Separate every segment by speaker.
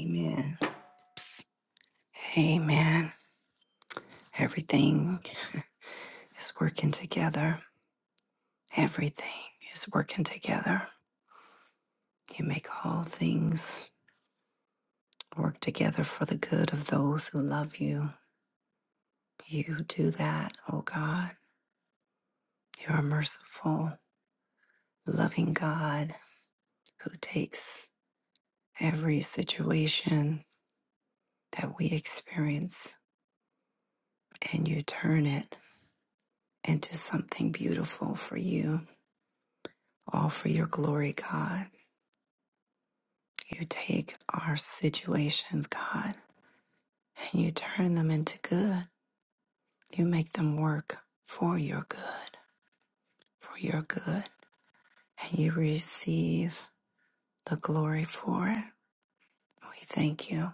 Speaker 1: Amen. Psst. Amen. Everything is working together. Everything is working together. You make all things work together for the good of those who love you. You do that, oh God. You're a merciful, loving God who takes every situation that we experience and you turn it into something beautiful for you, all for your glory, God. You take our situations, God, and you turn them into good. You make them work for your good, for your good, and you receive the glory for it. We thank you.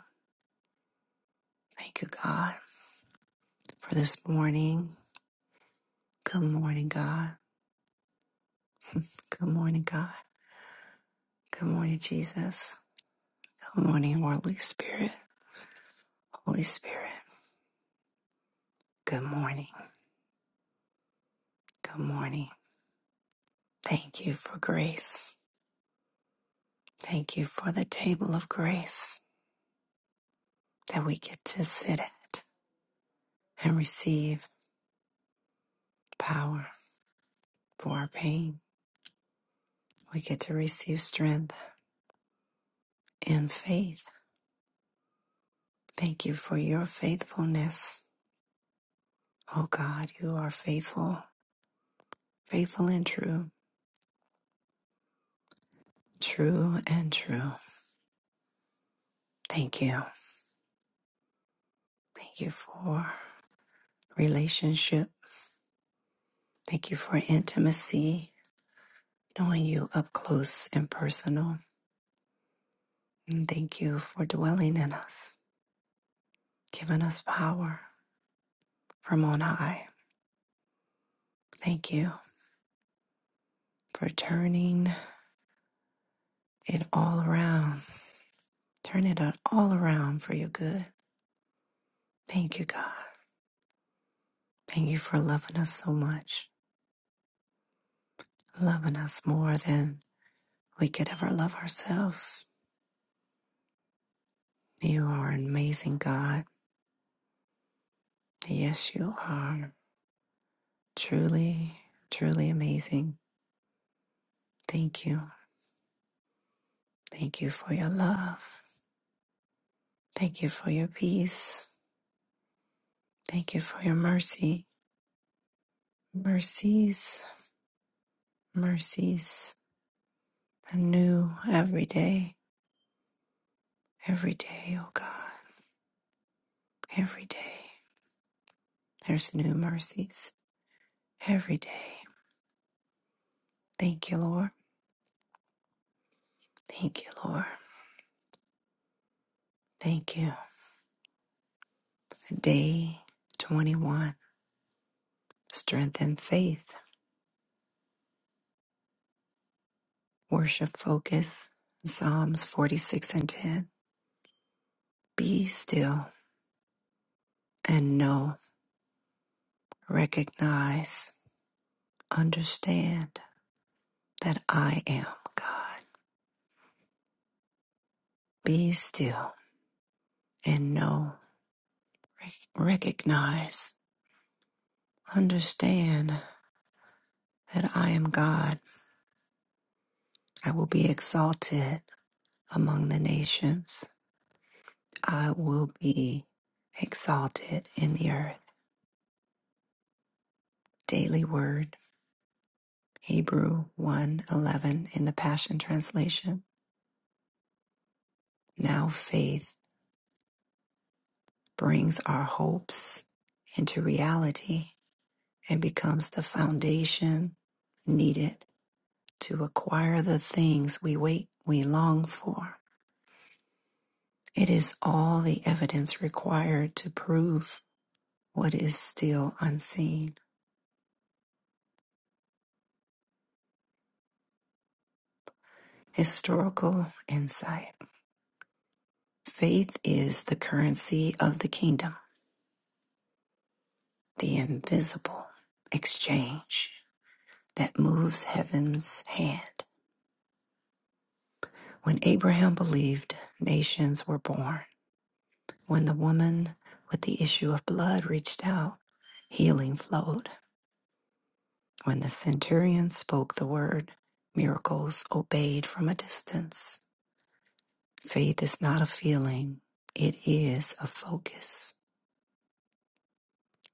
Speaker 1: Thank you, God, for this morning. Good morning, God. Good morning, God. Good morning, Jesus. Good morning, Holy Spirit. Holy Spirit, good morning. Good morning. Thank you for grace. Thank you for the table of grace. that we get to sit at and receive power for our pain. We get to receive strength and faith. Thank you for your faithfulness. Oh God, you are faithful, faithful and true, true and true. Thank you. Thank you for relationship. Thank you for intimacy, knowing you up close and personal. And thank you for dwelling in us, giving us power from on high. Thank you. for turning it all around. Turn it all around for your good. Thank you, God. Thank you for loving us so much, loving us more than we could ever love ourselves. You are an amazing God. Yes, you are. Truly, truly amazing. Thank you. Thank you for your love. Thank you for your peace. Thank you for your mercy. Mercies, mercies, anew every day. Every day, oh God, every day, there's new mercies. Every day. Thank you, Lord. Thank you, Lord. Thank you. Day 21. Strength and faith. Worship focus. Psalms 46 and 10. Be still and know, recognize, understand that I am God. Be still and know, rec- recognize, understand that I am God. I will be exalted among the nations. I will be exalted in the earth. Daily Word, Hebrew one eleven in the Passion Translation. Now faith brings our hopes into reality and becomes the foundation needed to acquire the things we wait we long for. It is all the evidence required to prove what is still unseen. Historical insight. Faith is the currency of the kingdom, the invisible exchange that moves heaven's hand. When Abraham believed, nations were born. When the woman with the issue of blood reached out, healing flowed. When the centurion spoke the word, miracles obeyed from a distance. Faith is not a feeling, it is a focus.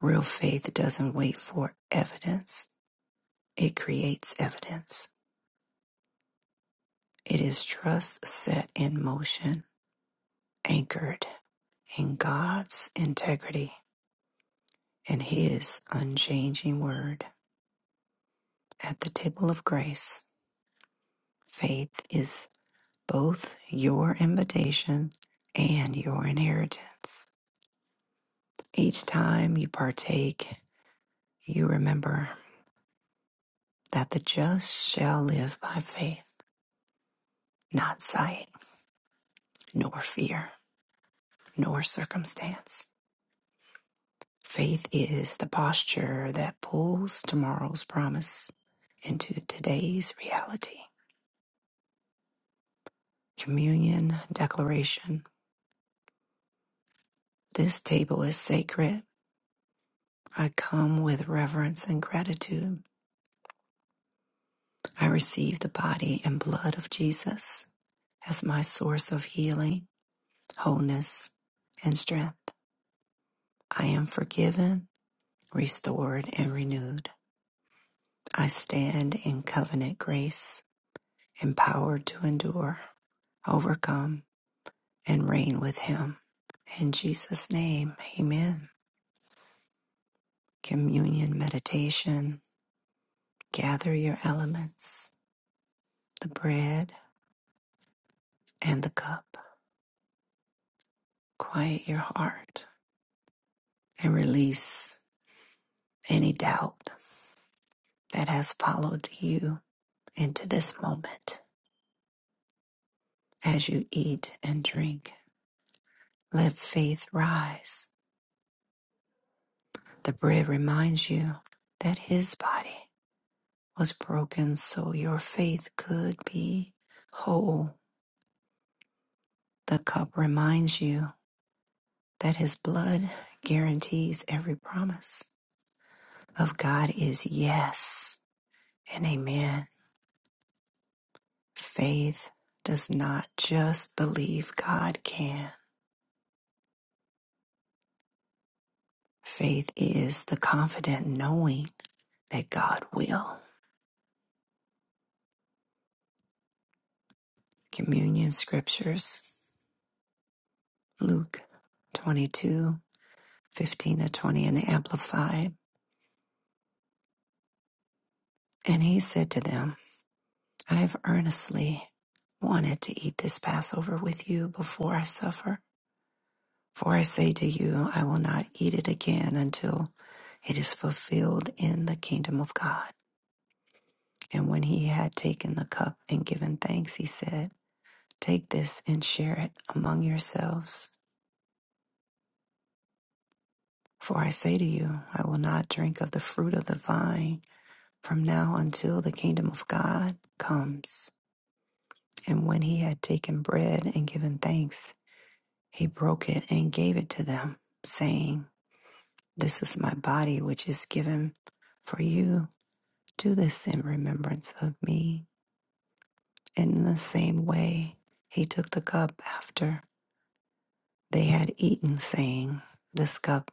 Speaker 1: Real faith doesn't wait for evidence, it creates evidence. It is trust set in motion, anchored in God's integrity and His unchanging word. At the table of grace, faith is both your invitation and your inheritance. Each time you partake, you remember that the just shall live by faith, not sight nor fear. nor circumstance. Faith is the posture that pulls tomorrow's promise into today's reality. Communion Declaration This table is sacred. I come with reverence and gratitude. I receive the body and blood of Jesus as my source of healing, wholeness, and strength. I am forgiven, restored, and renewed. I stand in covenant grace, empowered to endure. overcome and reign with him. In Jesus' name, amen. Communion meditation. Gather your elements, the bread and the cup. Quiet your heart and release any doubt that has followed you into this moment as you eat and drink. Let faith rise. The bread reminds you that his body was broken so your faith could be whole The cup reminds you that His blood guarantees every promise of God is yes and amen. Faith does not just believe God can, faith is the confident knowing that God will. Communion Scriptures, Luke 22:15 to 20 in the Amplified. And he said to them, I have earnestly wanted to eat this Passover with you before I suffer. For I say to you, I will not eat it again until it is fulfilled in the kingdom of God. And when he had taken the cup and given thanks, he said, Take this and share it among yourselves. For I say to you, I will not drink of the fruit of the vine from now until the kingdom of God comes. And when he had taken bread and given thanks, he broke it and gave it to them, saying, This is my body, which is given for you. Do this in remembrance of me. In the same way, he took the cup after they had eaten, saying, This cup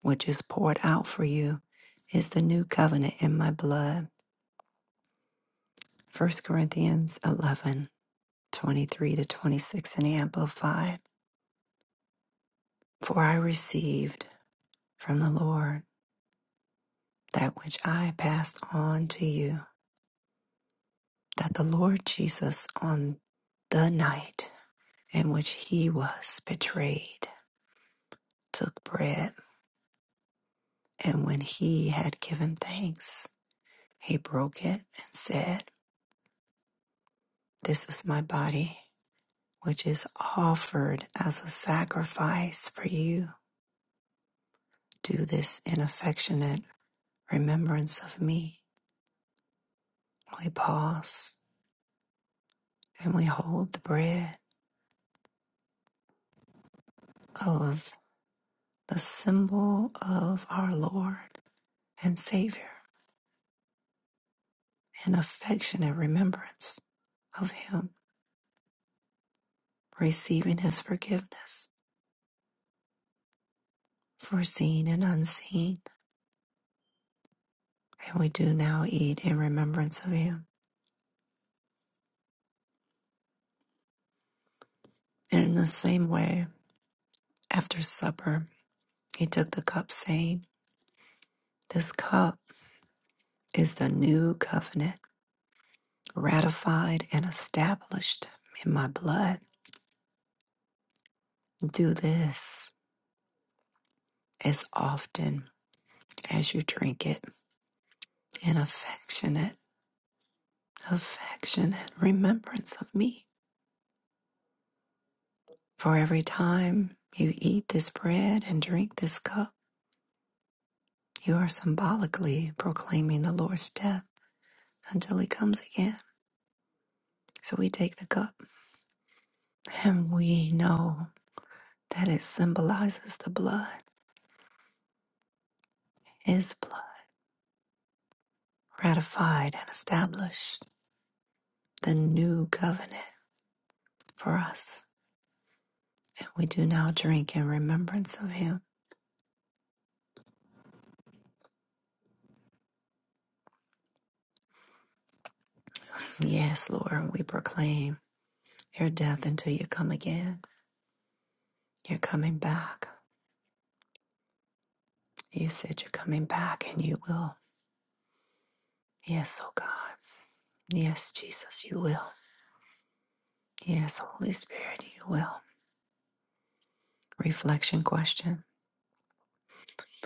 Speaker 1: which is poured out for you is the new covenant in my blood. First Corinthians 11 23 to 26 in the Amplified. For I received from the Lord that which I passed on to you, that the Lord Jesus, on the night in which he was betrayed, took bread. And when he had given thanks, he broke it and said, This is my body, which is offered as a sacrifice for you. Do this in affectionate remembrance of me. We pause and we hold the bread of the symbol of our Lord and Savior in affectionate remembrance of Him, receiving His forgiveness, foreseen and unseen And we do now eat in remembrance of him. And in the same way, after supper, he took the cup, saying, This cup is the new covenant, ratified and established in my blood. Do this as often as you drink it in affectionate, affectionate remembrance of me. For every time you eat this bread and drink this cup, you are symbolically proclaiming the Lord's death until he comes again. So we take the cup and we know that it symbolizes the blood, his blood, ratified and established the new covenant for us. And we do now drink in remembrance of him. Yes, Lord, we proclaim your death until you come again. You're coming back. You said you're coming back and you will. Yes, oh God. Yes, Jesus, you will. Yes, Holy Spirit, you will. Reflection question.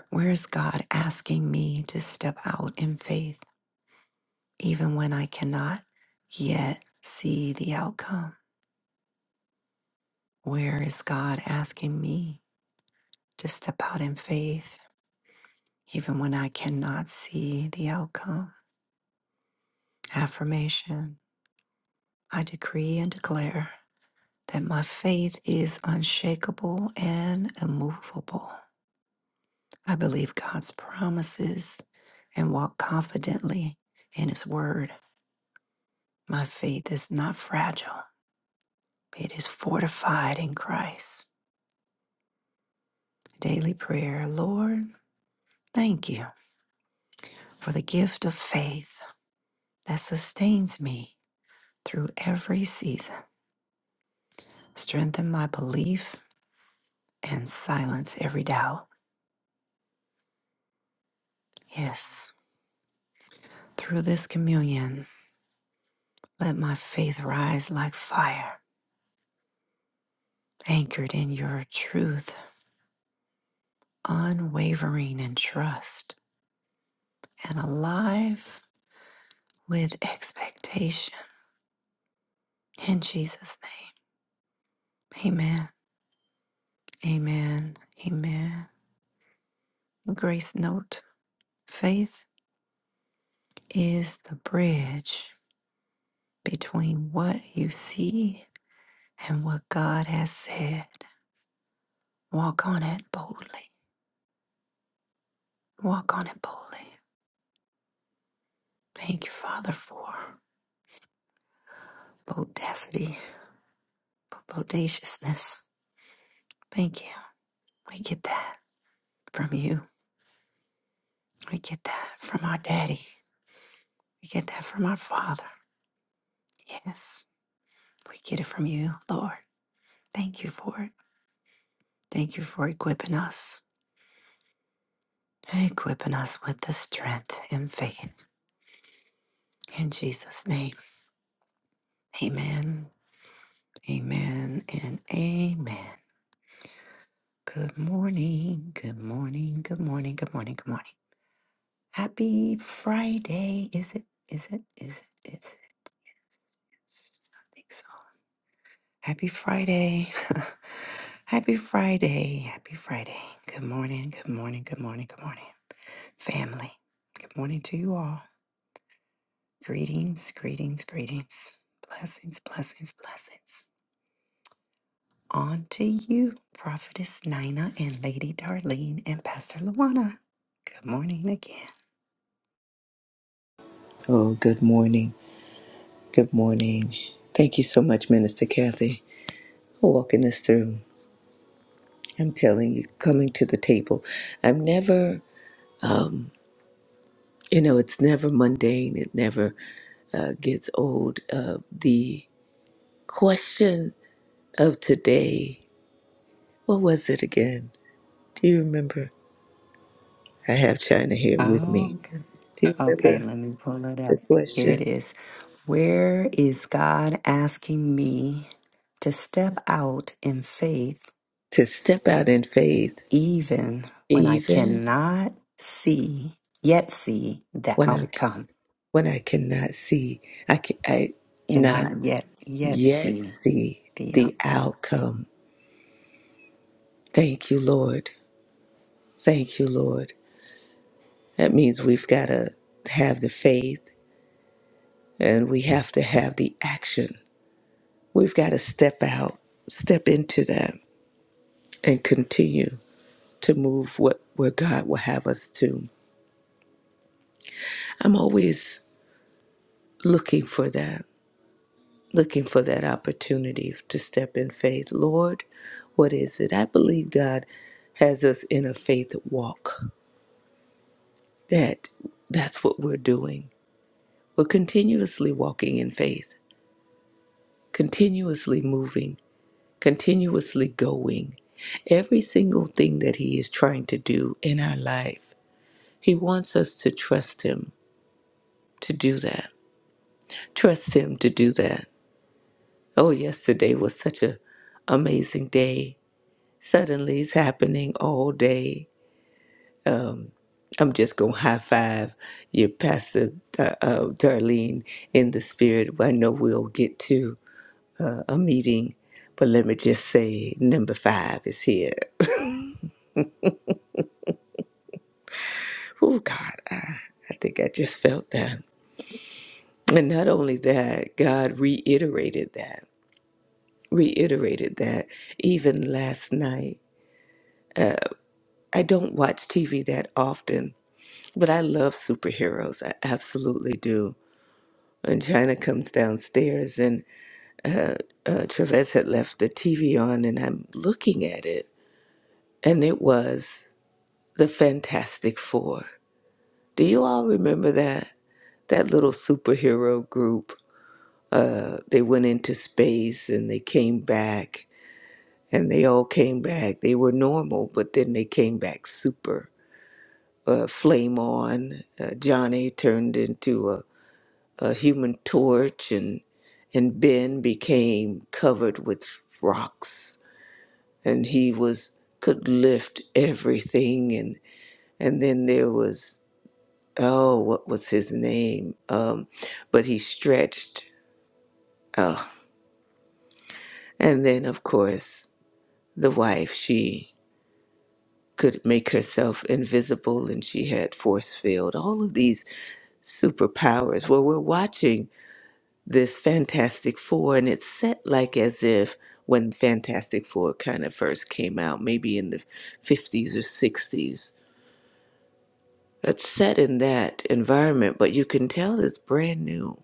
Speaker 1: Where is God asking me to step out in faith, even when I cannot yet see the outcome? Where is God asking me to step out in faith, even when I cannot see the outcome? Affirmation I decree and declare that my faith is unshakable and immovable. I believe God's promises and walk confidently in His word. My faith is not fragile It is fortified in Christ. Daily prayer, Lord, thank you for the gift of faith that sustains me through every season. Strengthen my belief and silence every doubt. Yes, through this communion, let my faith rise like fire, anchored in your truth, unwavering in trust, and alive with expectation. In Jesus' name, amen, amen, amen. Grace note faith is the bridge between what you see and what God has said. Walk on it boldly. Walk on it boldly. Thank you, Father, for bodacity, for bodaciousness. Thank you. We get that from you. We get that from our daddy. We get that from our father. Yes, we get it from you, Lord. Thank you for it. Thank you for equipping us, equipping us with the strength and faith. In Jesus' name, amen, amen, and amen. Good morning, good morning, good morning, good morning, good morning. Happy Friday. Is it, is it, is it, is it? Yes, I think so. Happy Friday. happy Friday. Happy Friday. Good morning. Good morning. Good morning. Good morning. Family. Good morning to you all. Greetings, greetings, greetings. Blessings, blessings, blessings. On to you, Prophetess Nina and Lady Darlene and Pastor Luana. Good morning again.
Speaker 2: Oh, good morning. Good morning. Thank you so much, Minister Kathy, for walking us through. I'm telling you, coming to the table. I'm never, you know, it's never mundane. It never uh, gets old. Uh, the question of today, what was it again? Do you remember? I have China here with me.
Speaker 1: Oh, good.
Speaker 2: Do you
Speaker 1: okay.
Speaker 2: remember
Speaker 1: Let me pull it
Speaker 2: the
Speaker 1: up. Here it
Speaker 2: question?
Speaker 1: is. Where is God asking me to step out in faith
Speaker 2: To step out in faith,
Speaker 1: even when I
Speaker 2: even
Speaker 1: cannot see, yet see the
Speaker 2: when I
Speaker 1: outcome?
Speaker 2: when I cannot see, I can I not.
Speaker 1: Cannot yet, yet
Speaker 2: yet
Speaker 1: see
Speaker 2: see
Speaker 1: the
Speaker 2: the
Speaker 1: outcome.
Speaker 2: outcome. Thank you, Lord. Thank you, Lord. That means we've got to have the faith and we have to have the action. We've got to step out, step into that, and continue to move what, where God will have us to. I'm always looking for that, looking for that opportunity to step in faith. Lord, what is it? I believe God has us in a faith walk that that's what we're doing. We're continuously walking in faith, continuously moving, continuously going. Every single thing that He is trying to do in our life, He wants us to trust Him to do that. Trust Him to do that. Oh, yesterday was such a amazing day. Suddenly it's happening all day. I'm just going to high five your pastor, uh, uh, Darlene, in the spirit. I know we'll get to. a meeting, but let me just say number five is here. Oh, God, I, I think I just felt that. And not only that, God reiterated that, reiterated that even last night. I don't watch TV that often, but I love superheroes. I absolutely do. And China comes downstairs, and uh, Travis had left the TV on, and I'm looking at it, and it was the Fantastic Four. Do you all remember that? that little superhero group. Uh, they went into space and they came back, and they all came back. They were normal, but then they came back super. Uh, flame on. Uh, Johnny turned into a, a human torch, and and Ben became covered with rocks, and he was could lift everything. And and then there was oh, what was his name? Um, but he stretched. Oh, And then, of course, the wife, she could make herself invisible and she had force field, all of these superpowers. Well, we're watching this Fantastic Four, and it's set like as if when Fantastic Four kind of first came out, maybe in the 50s or 60s. It's set in that environment, but you can tell it's brand new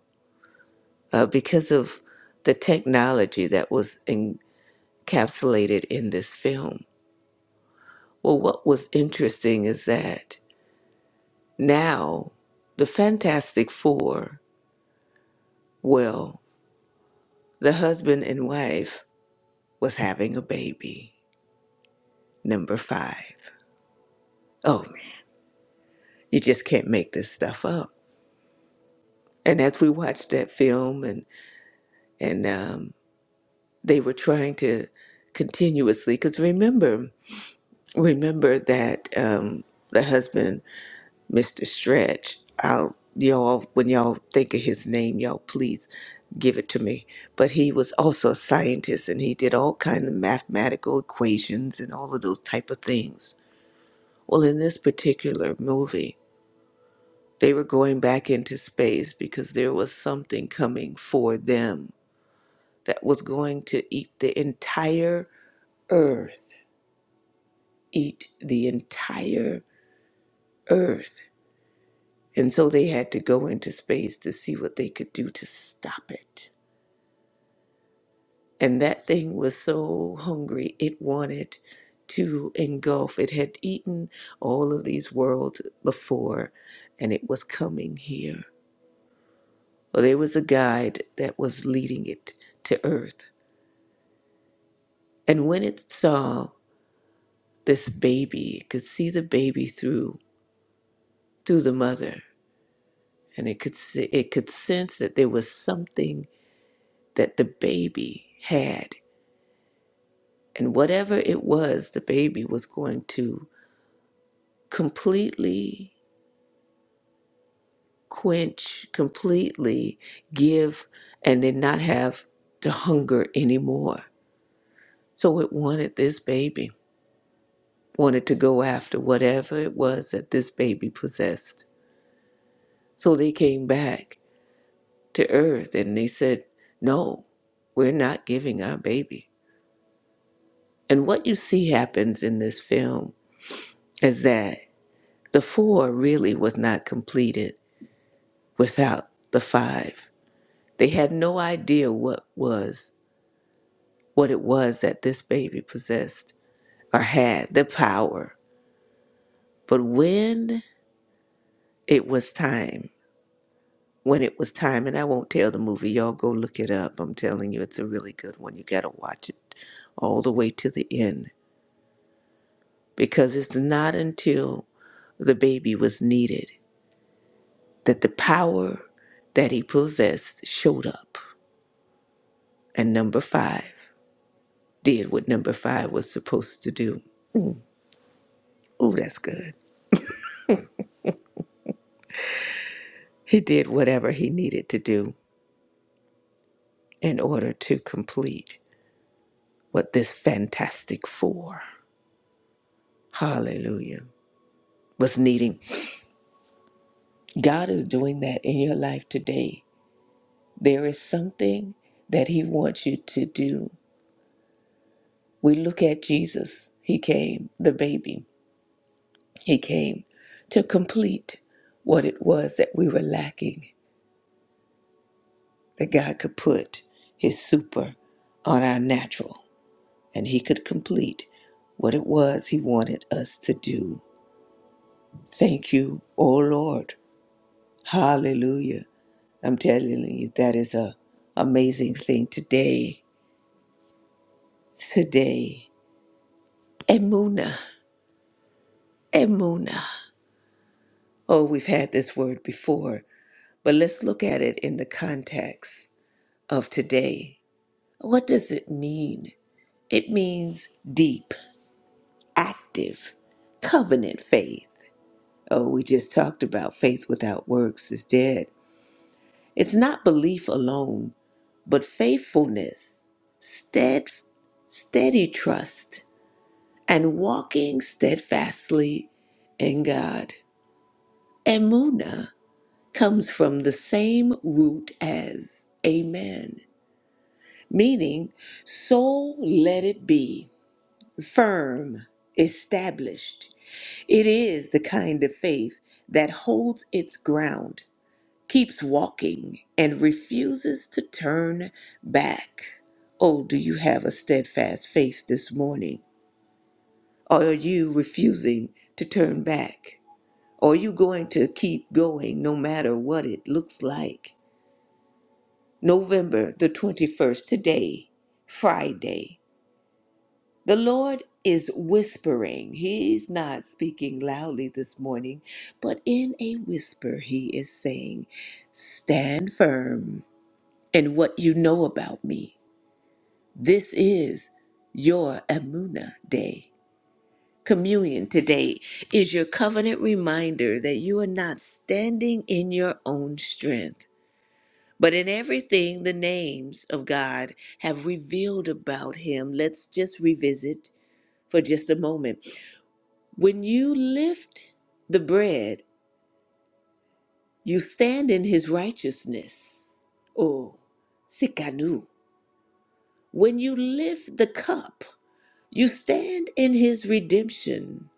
Speaker 2: uh, because of the technology that was encapsulated in this film Well, what was interesting is that now the Fantastic Four, well, the husband and wife was having a baby, number five. Oh man, you just can't make this stuff up. And as we watched that film, and and um, they were trying to continuously, because remember, remember that um, the husband Mr. Stretch. I'll y'all when y'all think of his name, y'all please give it to me. But he was also a scientist and he did all kind of mathematical equations and all of those type of things. Well, in this particular movie, they were going back into space because there was something coming for them that was going to eat the entire earth, eat the entire earth. And so they had to go into space to see what they could do to stop it. And that thing was so hungry, it wanted to engulf. It had eaten all of these worlds before, and it was coming here. Well, there was a guide that was leading it to Earth. And when it saw this baby, it could see the baby through through the mother, and it could see, it could sense that there was something that the baby had, and whatever it was, the baby was going to completely quench completely, give, and then not have to hunger anymore. So it wanted this baby, wanted to go after whatever it was that this baby possessed. So they came back to earth and they said, No, we're not giving our baby. And what you see happens in this film is that the four really was not completed without the five. They had no idea what was what it was that this baby possessed or had the power. But when it was time, when it was time, and I won't tell the movie, y'all go look it up. I'm telling you, it's a really good one. You got to watch it all the way to the end because it's not until the baby was needed that the power that he possessed showed up. And number five did what number five was supposed to do. Oh, that's good. He did whatever he needed to do in order to complete what this fantastic four, hallelujah, was needing. God is doing that in your life today. There is something that He wants you to do. We look at Jesus, He came, the baby, He came to complete what it was that we were lacking, that God could put His super on our natural, and He could complete what it was He wanted us to do Thank you, oh Lord. Hallelujah. I'm telling you, that is a amazing thing today. Today. Emuna. Emuna. Oh, we've had this word before, but let's look at it in the context of today. What does it mean? It means deep, active, covenant faith. Oh, we just talked about faith without works is dead. It's not belief alone, but faithfulness, stead, steady trust, and walking steadfastly in God. Emuna comes from the same root as amen, meaning so let it be, firm, established. It is the kind of faith that holds its ground keeps walking and refuses to turn back. Oh, do you have a steadfast faith this morning? Or are you refusing to turn back? Or are you going to keep going no matter what it looks like? November the 21st, today, Friday, the Lord is whispering. He's not speaking loudly this morning, but in a whisper, He is saying, Stand firm. and what you know about me. This is your Amuna Day. Communion today is your covenant reminder that you are not standing in your own strength, but in everything the names of God have revealed about Him. Let's just revisit for just a moment. When you lift the bread, you stand in His righteousness. Oh, Sikanu. When you lift the cup, you stand in his redemption.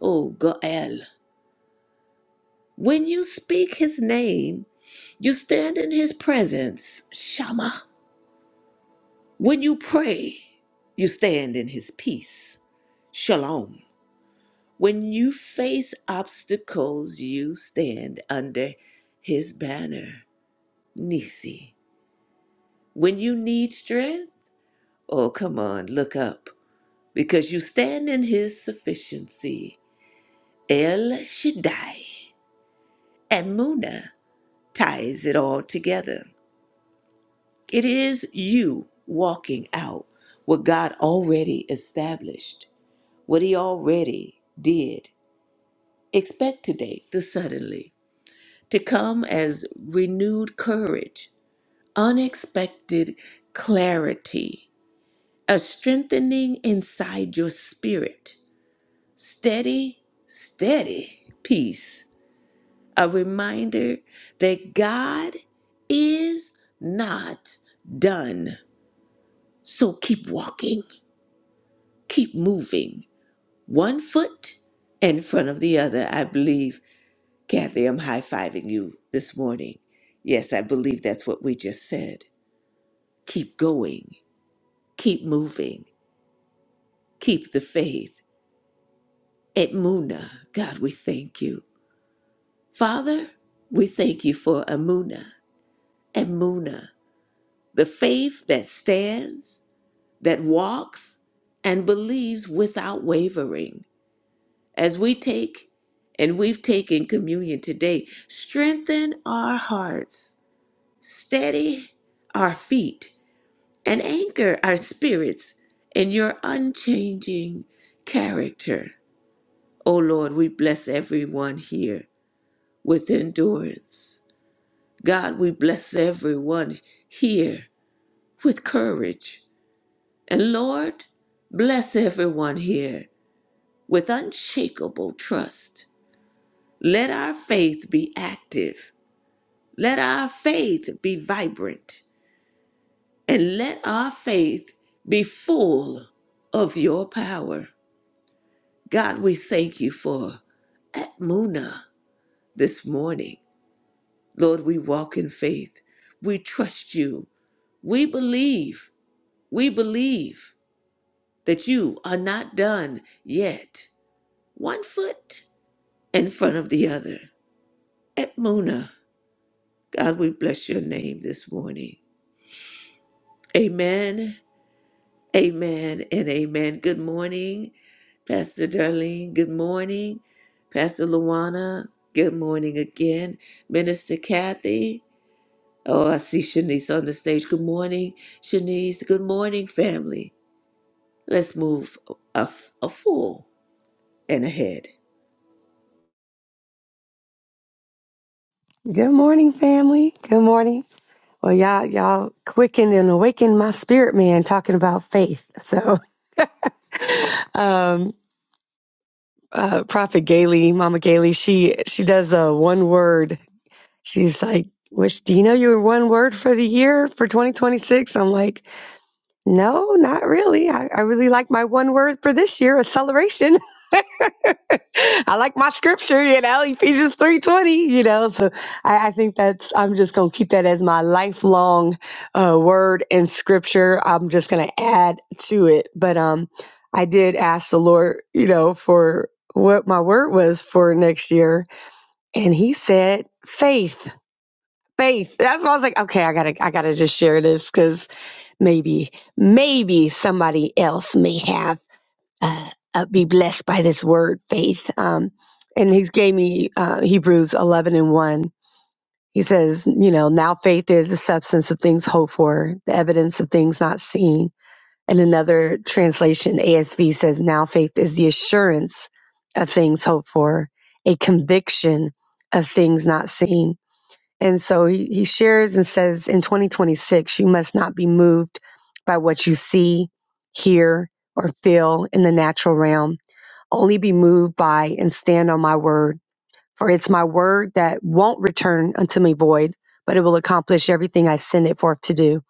Speaker 2: Oh, Goel. When you speak his name, you stand in his presence. Shama. When you pray, you stand in his peace. Shalom. When you face obstacles, you stand under his banner. Nisi. When you need strength, oh, come on, look up, because you stand in his sufficiency. El Shaddai, and Muna ties it all together. It is you walking out what God already established, what He already did. Expect today the suddenly to come as renewed courage, unexpected clarity, a strengthening inside your spirit, steady, steady peace a reminder that God is not done. So keep walking, keep moving, one foot in front of the other. I believe, Kathy, I'm high fiving you this morning. Yes, I believe that's what we just said. Keep going, keep moving, keep the faith. Edmuna, God, we thank you. Father, we thank you for Amuna, Amuna, the faith that stands that walks and believes without wavering. As we take and we've taken communion today, strengthen our hearts, steady our feet, and anchor our spirits in your unchanging character. O Lord, we bless everyone here with endurance. God, we bless everyone here with courage. And Lord, bless everyone here with unshakable trust. Let our faith be active. Let our faith be vibrant. And let our faith be full of your power. God, we thank you for Atmuna this morning. Lord, we walk in faith. We trust you. We believe. We believe that you are not done yet. One foot in front of the other. Atmuna. God, we bless your name this morning. Amen, amen, and amen. Good morning, Pastor Darlene. Good morning, Pastor Luana. Good morning again, Minister Kathy. Oh, I see Shanice on the stage. Good morning, Shanice. Good morning, family. Let's move a a full and ahead.
Speaker 3: Good morning, family. Good morning. Well, y'all, y'all quickened and awakened my spirit, man, talking about faith. So, um, uh, Prophet Gailey, Mama Gailey, she, she does a one word. She's like, which, do you know your one word for the year for 2026? I'm like, no, not really. I, I really like my one word for this year, acceleration. I like my scripture, you know, Ephesians 3.20, you know. So I, I think that's, I'm just going to keep that as my lifelong uh, word in scripture. I'm just going to add to it. But um, I did ask the Lord, you know, for what my word was for next year. And he said, faith, faith. That's why I was like, okay, I got to, I got to just share this because maybe, maybe somebody else may have uh, uh, be blessed by this word, faith. Um, and he gave me uh, Hebrews 11 and 1. He says, you know, now faith is the substance of things hoped for, the evidence of things not seen. And another translation, ASV, says, now faith is the assurance of things hoped for, a conviction of things not seen. And so he, he shares and says, in 2026, you must not be moved by what you see, hear, or feel in the natural realm only be moved by and stand on my word. For it's my word that won't return unto me void, but it will accomplish everything I send it forth to do.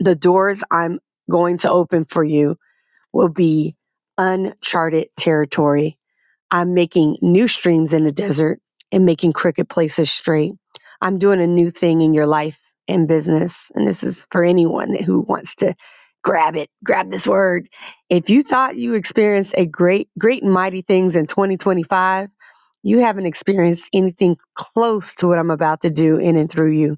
Speaker 3: The doors I'm going to open for you will be uncharted territory. I'm making new streams in the desert and making crooked places straight. I'm doing a new thing in your life and business. And this is for anyone who wants to grab it, grab this word. If you thought you experienced a great, great and mighty things in 2025, you haven't experienced anything close to what I'm about to do in and through you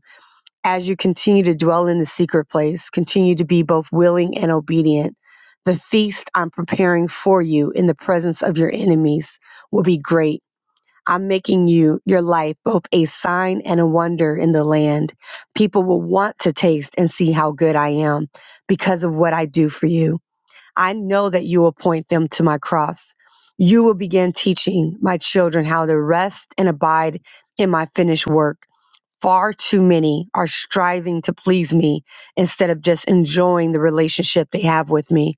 Speaker 3: as you continue to dwell in the secret place, continue to be both willing and obedient. The feast I'm preparing for you in the presence of your enemies will be great. I'm making you, your life, both a sign and a wonder in the land. People will want to taste and see how good I am because of what I do for you. I know that you will point them to my cross. You will begin teaching my children how to rest and abide in my finished work. Far too many are striving to please me instead of just enjoying the relationship they have with me.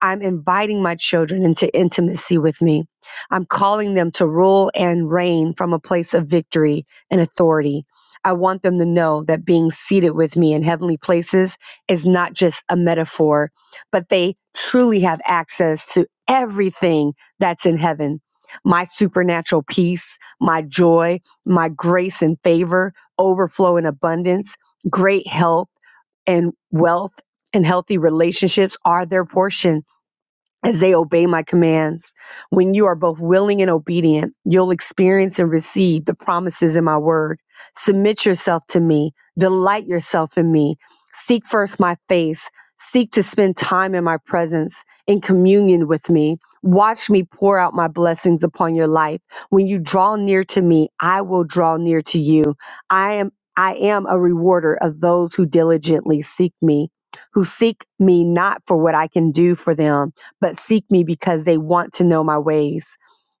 Speaker 3: I'm inviting my children into intimacy with me. I'm calling them to rule and reign from a place of victory and authority. I want them to know that being seated with me in heavenly places is not just a metaphor, but they truly have access to everything that's in heaven. My supernatural peace, my joy, my grace and favor, overflow and abundance, great health and wealth and healthy relationships are their portion as they obey my commands. When you are both willing and obedient, you'll experience and receive the promises in my word. Submit yourself to me, delight yourself in me, seek first my face, seek to spend time in my presence, in communion with me. Watch me pour out my blessings upon your life. When you draw near to me, I will draw near to you. I am I am a rewarder of those who diligently seek me, who seek me not for what I can do for them but seek me because they want to know my ways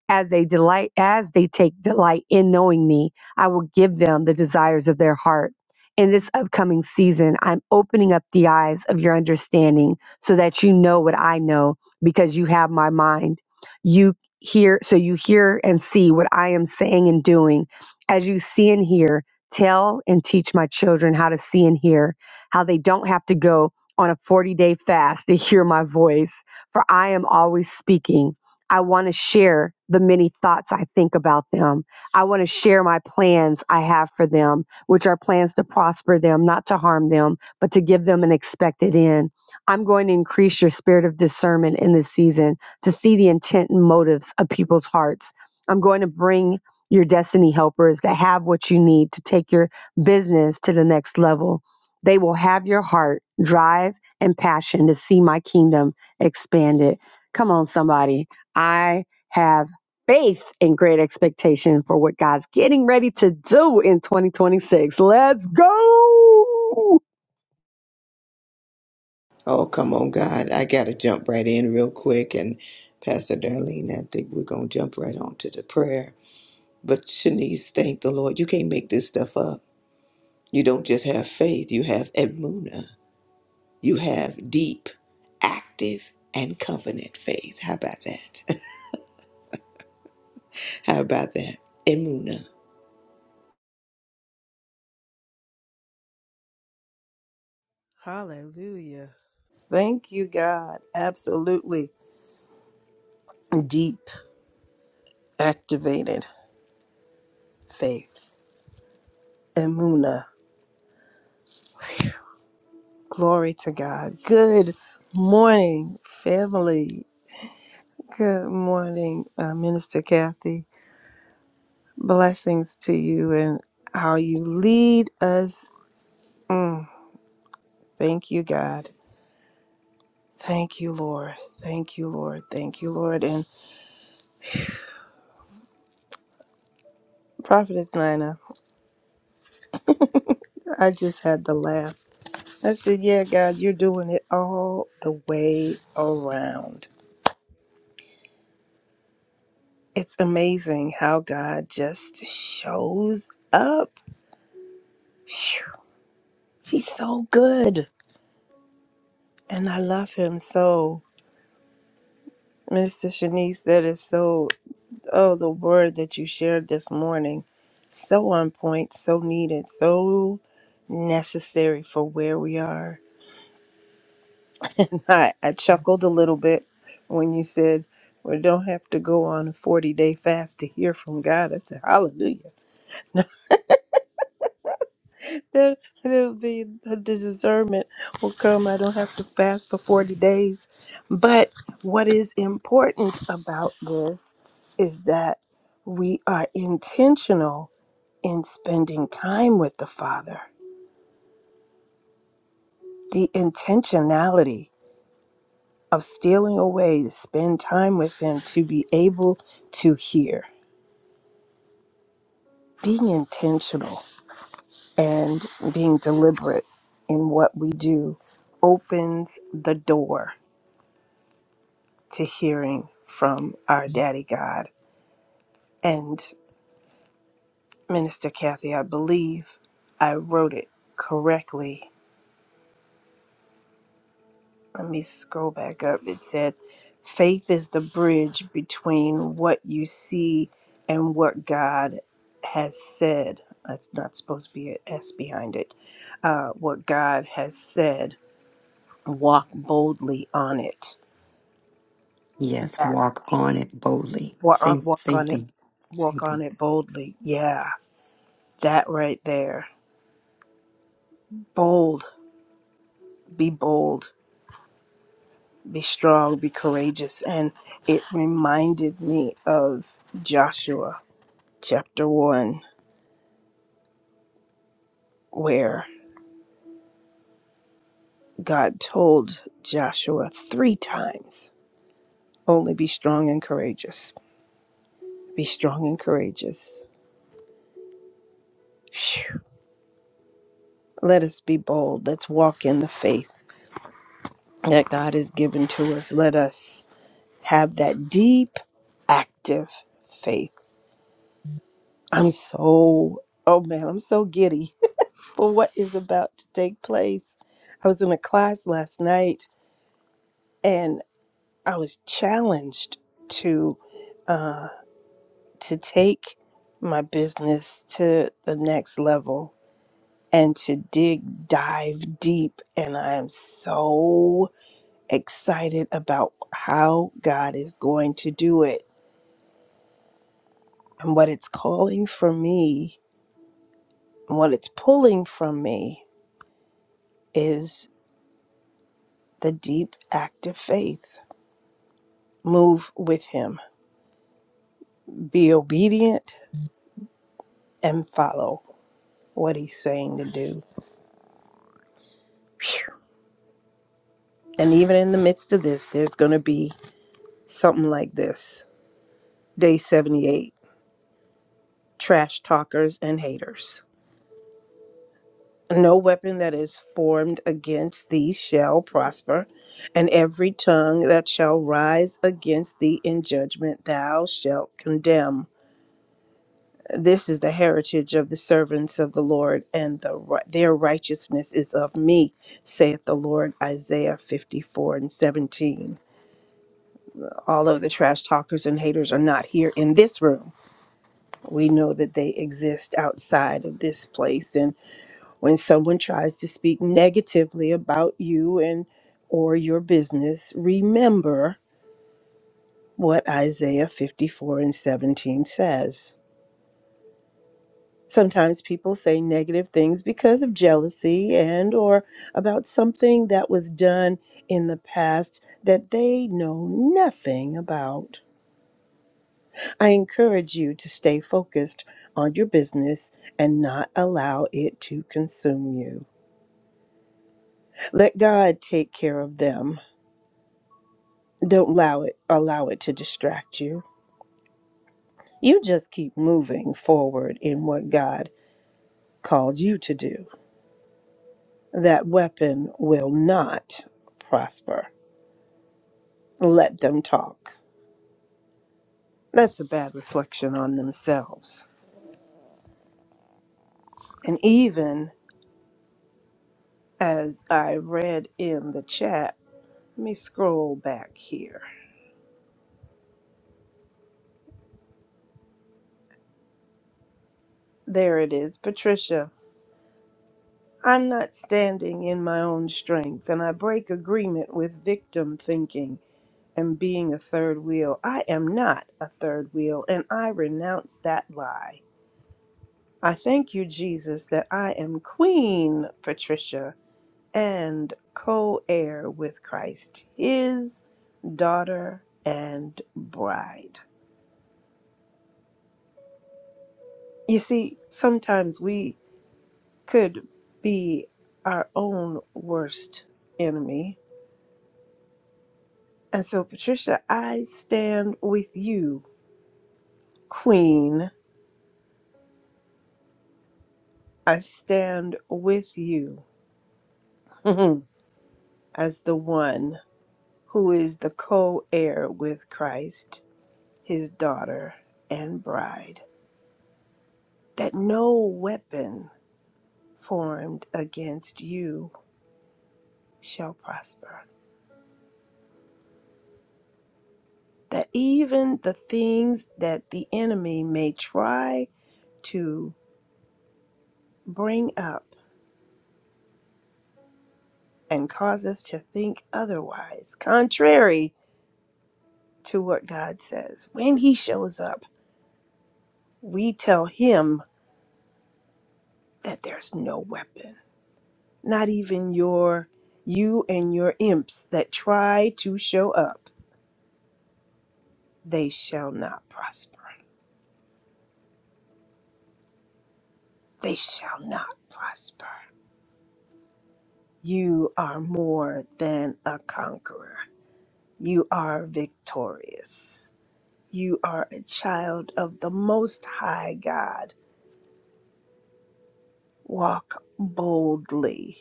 Speaker 3: as they delight as they take delight in knowing me i will give them the desires of their heart in this upcoming season i'm opening up the eyes of your understanding so that you know what i know because you have my mind you hear so you hear and see what i am saying and doing as you see and hear tell and teach my children how to see and hear how they don't have to go on a 40 day fast to hear my voice for i am always speaking I want to share the many thoughts I think about them. I want to share my plans I have for them, which are plans to prosper them, not to harm them, but to give them an expected end. I'm going to increase your spirit of discernment in this season to see the intent and motives of people's hearts. I'm going to bring your destiny helpers that have what you need to take your business to the next level. They will have your heart, drive, and passion to see my kingdom expanded. Come on, somebody I have faith and great expectation for what God's getting ready to do in 2026. Let's go.
Speaker 2: Oh, come on, God. I got to jump right in real quick. And Pastor Darlene, I think we're going to jump right on to the prayer. But Shanice, thank the Lord. You can't make this stuff up. You don't just have faith, you have emuna. You have deep, active, and covenant faith. How about that? How about that? Emuna.
Speaker 4: Hallelujah. Thank you, God. Absolutely deep, activated faith. Emuna. Glory to God. Good morning, family. Good morning, uh, Minister Kathy. Blessings to you and how you lead us. Mm, thank you, God. Thank you, Lord. Thank you, Lord. Thank you, Lord. And Prophetess Nina, I just had to laugh I said, Yeah, God, you're doing it all the way around. It's amazing how God just shows up. Phew. He's so good. And I love him so. Minister Shanice, that is so, oh, the word that you shared this morning. So on point, so needed, so necessary for where we are. I, I chuckled a little bit when you said, We don't have to go on a 40 day fast to hear from God. I said, Hallelujah. That, that'll be the discernment will come. I don't have to fast for 40 days. But what is important about this is that we are intentional in spending time with the Father. The intentionality of stealing away to spend time with Him to be able to hear. being intentional and being deliberate in what we do opens the door to hearing from our daddy God. And Minister Kathy, I believe I wrote it correctly. Let me scroll back up. It said, Faith is the bridge between what you see and what God has said. That's not supposed to be an S behind it. Uh, what God has said walk boldly on it.
Speaker 1: Yes, walk on it boldly.
Speaker 4: Walk, uh,
Speaker 1: Same,
Speaker 4: walk
Speaker 1: same
Speaker 4: on it.
Speaker 1: thing. Same
Speaker 4: Walk
Speaker 1: thing.
Speaker 4: on it boldly. Yeah, that right there. Bold. Be bold. Be strong. Be courageous. And it reminded me of Joshua chapter 1, where God told Joshua three times only be strong and courageous. Be strong and courageous. Phew. Let us be bold. Let's walk in the faith that God has given to us. Let us. have that deep, active faith. I'm so, oh man, I'm so giddy for what is about to take place. I was in a class last night and I was challenged to to take my business to the next level and to dig dive deep and I am so excited about how God is going to do it and what it's calling for me And What it's pulling from me is the deep active faith. Move with him, be obedient, and follow what he's saying to do. Phew. And even in the midst of this, there's going to be something like this Day 78 Trash Talkers and Haters. No weapon that is formed against thee shall prosper, and every tongue that shall rise against thee in judgment thou shalt condemn. this is the heritage of the servants of the Lord, and the, ri- their righteousness is of me, saith the Lord. Isaiah 54 and 17. Although the trash talkers and haters are not here in this room, we know that they exist outside of this place. And when someone tries to speak negatively about you and or your business, remember what Isaiah 54 and 17 says. sometimes people say negative things because of jealousy and or about something that was done in the past that they know nothing about i encourage you to stay focused on your business and not allow it to consume you let god take care of them don't allow it allow it to distract you you just keep moving forward in what god called you to do that weapon will not prosper let them talk. That's a bad reflection on themselves. And even as I read in the chat, let me scroll back here. There it is, Patricia. I'm not standing in my own strength, and I break agreement with victim thinking and being a third wheel. I am not a third wheel, and I renounce that lie. I thank you, Jesus, that I am Queen Patricia and co heir with Christ, his daughter and bride. You see, sometimes we could be our own worst enemy. And so, Patricia, I stand with you, Queen. I stand with you as the one who is the co heir with Christ, his daughter and bride. That no weapon formed against you shall prosper. That even the things that the enemy may try to bring up and cause us to think otherwise, contrary to what God says, when he shows up, we tell him that there's no weapon, not even your you and your imps that try to show up, they shall not prosper. They shall not prosper. You are more than a conqueror. You are victorious. You are a child of the Most High God. Walk boldly.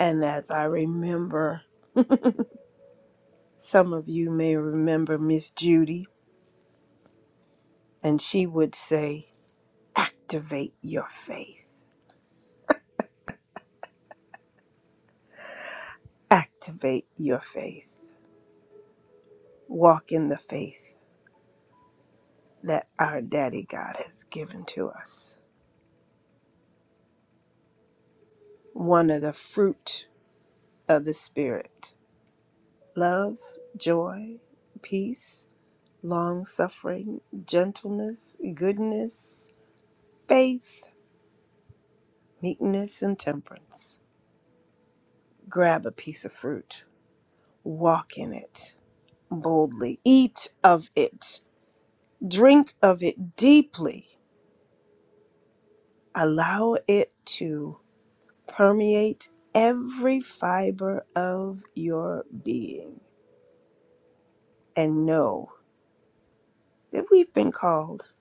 Speaker 4: And as I remember, some of you may remember Miss Judy, and she would say, Activate your faith. Activate your faith. Walk in the faith that our Daddy God has given to us. One of the fruit of the Spirit love, joy, peace, long suffering, gentleness, goodness, faith, meekness, and temperance. Grab a piece of fruit, walk in it boldly, eat of it, drink of it deeply, allow it to permeate every fiber of your being, and know that we've been called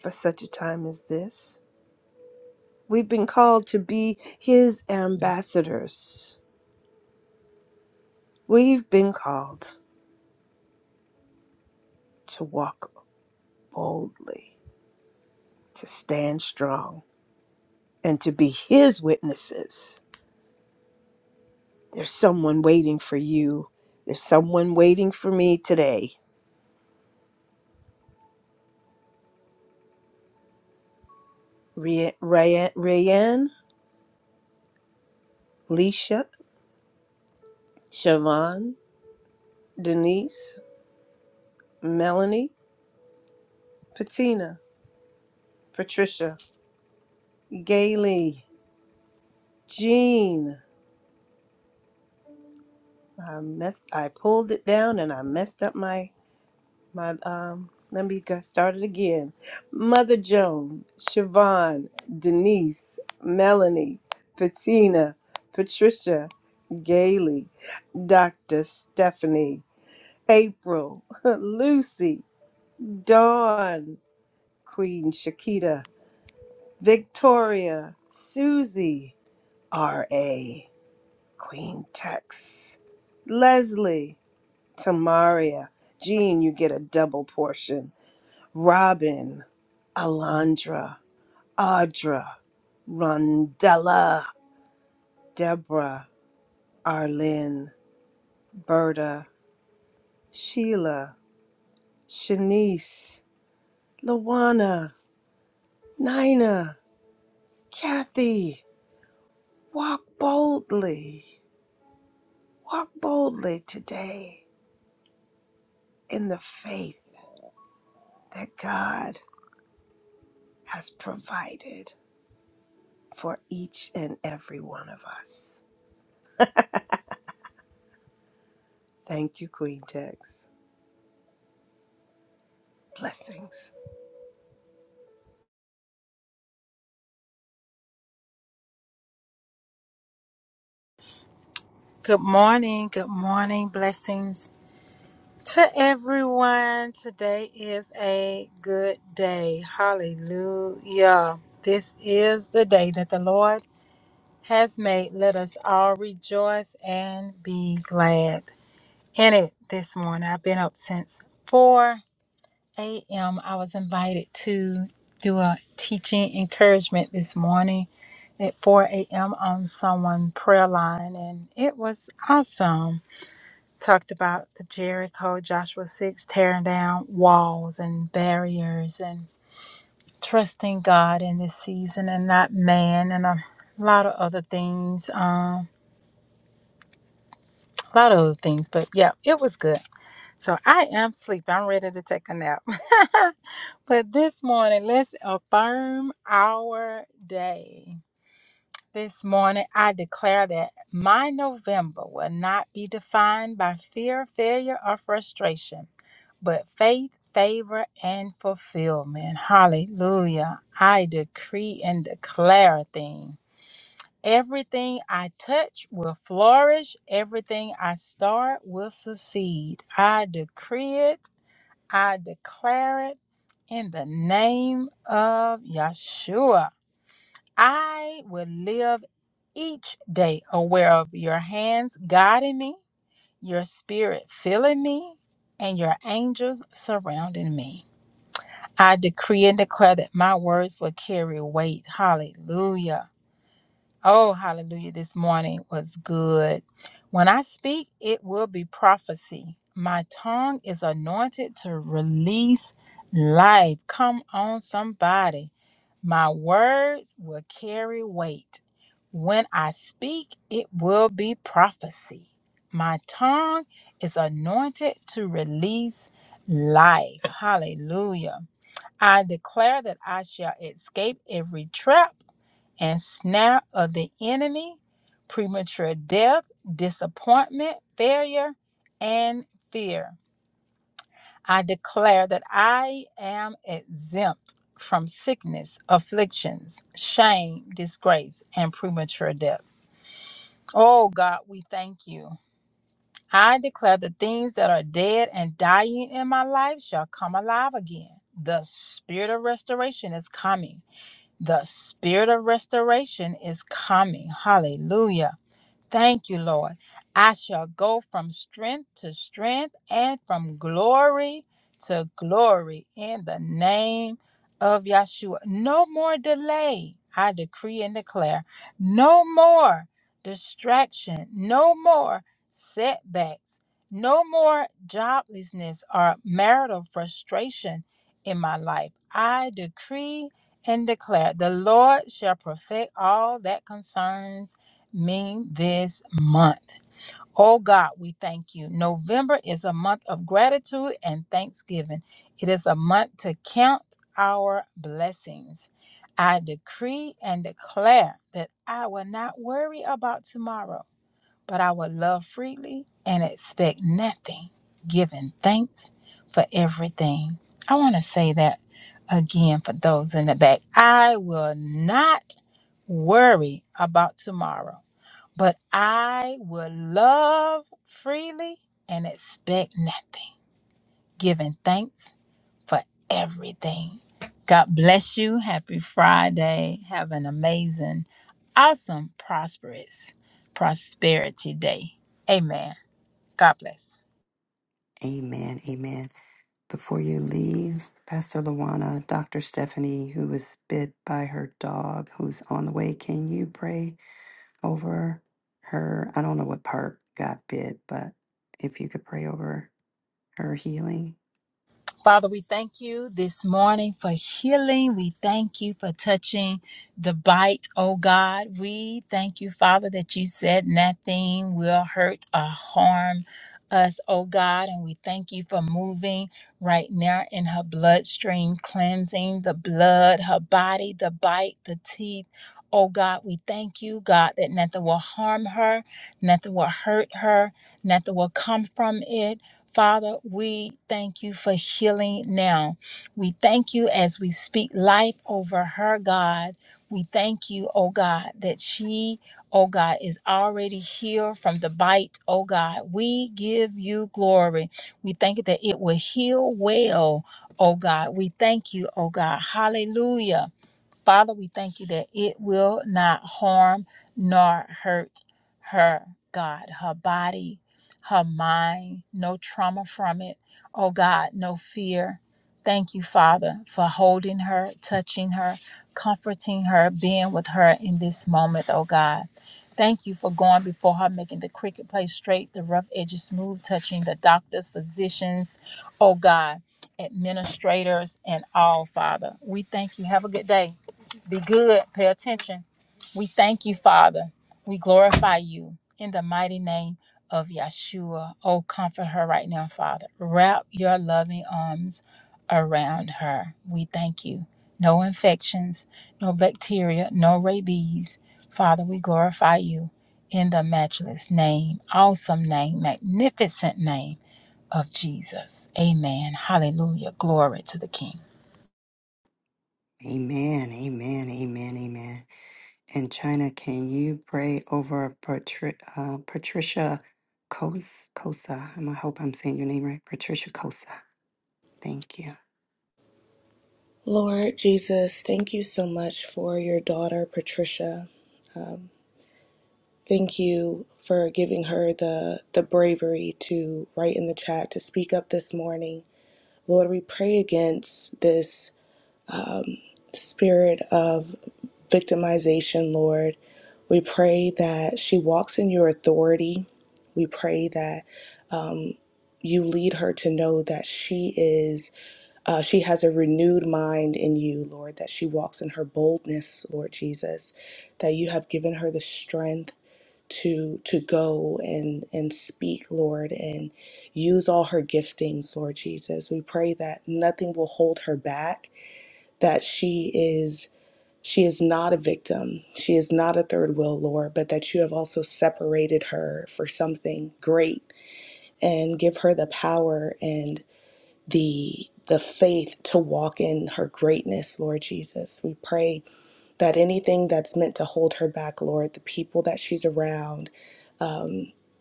Speaker 4: for such a time as this We've been called to be his ambassadors. We've been called to walk boldly, to stand strong, and to be his witnesses. There's someone waiting for you. There's someone waiting for me today. Ria- Raya- Rayanne, Leisha, Siobhan, Denise, Melanie, Patina, Patricia, Gailey, Jean. I messed. I pulled it down and I messed up my My um, let me get started again. Mother Joan, Siobhan, Denise, Melanie, Patina, Patricia, Gailey, Dr. Stephanie, April, Lucy, Dawn, Queen Shakita, Victoria, Susie, R.A., Queen Tex, Leslie, Tamaria. Jean, you get a double portion. Robin, Alondra, Audra, Rondella, Deborah, Arlene, Berta, Sheila, Shanice, Luana, Nina, Kathy. Walk boldly, walk boldly today in the faith that God has provided for each and every one of us. Thank you, Queen Tex. Blessings.
Speaker 5: Good morning. Good morning. Blessings to everyone. Today is a good day. Hallelujah. This is the day that the Lord has made. Let us all rejoice and be glad in it this morning. I've been up since 4 a.m. I was invited to do a teaching encouragement this morning at 4 a.m. on someone prayer line and it was awesome talked about the Jericho, Joshua 6, tearing down walls and barriers and trusting God in this season and not man and a lot of other things. Um, a lot of other things, but yeah, it was good. So I am sleep. I'm ready to take a nap. but this morning, let's affirm our day. This morning, I declare that my November will not be defined by fear, failure, or frustration. but faith, favor, and fulfillment. Hallelujah. I decree and declare a thing. Everything I touch will flourish. Everything I start will succeed. I decree it. I declare it in the name of Yeshua. I will live each day aware of your hands guiding me, your spirit filling me, and your angels surrounding me. I decree and declare that my words will carry weight. Hallelujah. Oh, hallelujah. This morning was good. When I speak, it will be prophecy. My tongue is anointed to release life. Come on, somebody. My words will carry weight. When I speak, it will be prophecy. My tongue is anointed to release life. Hallelujah. I declare that I shall escape every trap and snare of the enemy, premature death, disappointment, failure, and fear. I declare that I am exempt from sickness, afflictions, shame, disgrace, and premature death. Oh God, we thank you. I declare the things that are dead and dying in my life shall come alive again. The spirit of restoration is coming. The spirit of restoration is coming. Hallelujah. Thank you, Lord. I shall go from strength to strength and from glory to glory in the name of Yeshua. No more delay, I decree and declare. No more distraction. No more setbacks. No more joblessness or marital frustration in my life. I decree and declare the Lord shall perfect all that concerns me this month. Oh God, we thank you. November is a month of gratitude and thanksgiving. It is a month to count our blessings. I decree and declare that I will not worry about tomorrow, but I will love freely and expect nothing, giving thanks for everything. I want to say that again for those in the back. I will not worry about tomorrow but I will love freely and expect nothing, giving thanks for everything. God bless you. Happy Friday. Have an amazing, awesome, prosperous prosperity day. Amen. God bless.
Speaker 1: Amen. Amen. Before you leave, Pastor Luana, Dr. Stephanie, who was bit by her dog, who's on the way, can you pray over her? I don't know what part got bit, but if you could pray over her healing.
Speaker 5: Father, we thank you this morning for healing. We thank you for touching the bite, oh God. We thank you, Father, that you said nothing will hurt or harm us, oh God. And we thank you for moving right now in her bloodstream, cleansing the blood, her body, the bite, the teeth. Oh God, we thank you, God, that nothing will harm her, nothing will hurt her, nothing will come from it. Father, we thank you for healing now. We thank you as we speak life over her, God. We thank you, oh God, that she, oh God, is already healed from the bite, oh God. We give you glory. We thank you that it will heal well, oh God. We thank you, oh God. Hallelujah. Father, we thank you that it will not harm nor hurt her, God, her body, her mind, no trauma from it. Oh, God, no fear. Thank you, Father, for holding her, touching her, comforting her, being with her in this moment, oh God. Thank you for going before her, making the cricket place straight, the rough edges smooth, touching the doctors, physicians, oh God, administrators, and all, Father. We thank you. Have a good day. Be good. Pay attention. We thank you, Father. We glorify you in the mighty name of Yeshua. Oh, comfort her right now, Father. Wrap your loving arms around her. We thank you. No infections, no bacteria, no rabies. Father, we glorify you in the matchless name, awesome name, magnificent name of Jesus. Amen. Hallelujah. Glory to the King.
Speaker 1: Amen. Amen. Amen. Amen. And China, can you pray over Patri- uh, Patricia Kos- Kosa? I'm- I hope I'm saying your name right. Patricia Kosa. Thank you.
Speaker 2: Lord Jesus, thank you so much for your daughter Patricia. Thank you for giving her the the bravery to write in the chat to speak up this morning. Lord, we pray against this spirit of victimization, Lord. We pray that she walks in your authority. We pray that you lead her to know that she is, uh, she has a renewed mind in you, Lord, that she walks in her boldness, Lord Jesus, that you have given her the strength to to go and and speak lord and use all her giftings lord jesus we pray that nothing will hold her back that she is she is not a victim. She is not a third wheel, Lord, but that you have also separated her for something great and give her the power and the the faith to walk in her greatness, Lord Jesus. We pray that anything that's meant to hold her back, Lord, the people that she's around,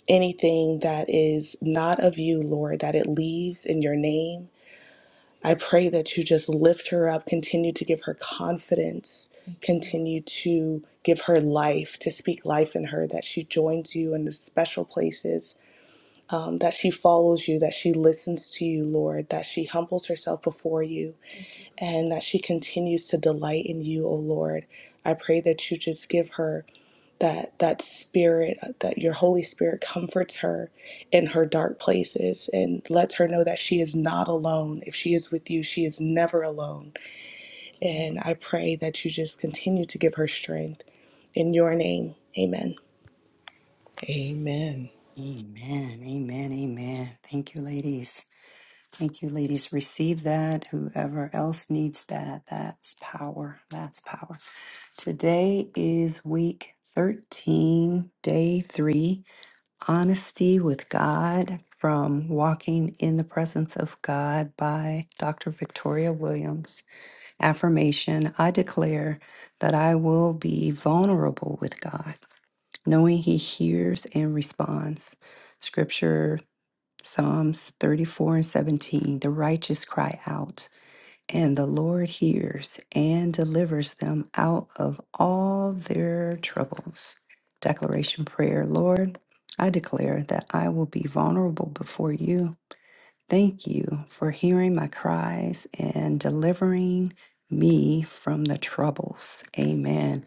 Speaker 2: anything that is not of you, Lord, that it leaves in your name I pray that you just lift her up, continue to give her confidence, continue to give her life, to speak life in her, that she joins you in the special places, um, that she follows you, that she listens to you, Lord, that she humbles herself before you, and that she continues to delight in you, O Lord. I pray that you just give her that that spirit uh, that your holy spirit comforts her in her dark places and lets her know that she is not alone if she is with you she is never alone and i pray that you just continue to give her strength in your name amen Amen.
Speaker 1: Amen. Amen. Amen. Thank you, ladies. Thank you, ladies. Receive that. Whoever else needs that, that's power. That's power. Today is week 13, day three Honesty with God from Walking in the Presence of God by Dr. Victoria Williams affirmation, I declare that I will be vulnerable with God, knowing He hears and responds. Scripture, Psalms 34 and 17 The righteous cry out, and the Lord hears and delivers them out of all their troubles. Declaration prayer Lord, I declare that I will be vulnerable before you Thank you for hearing my cries and delivering me from the troubles. Amen.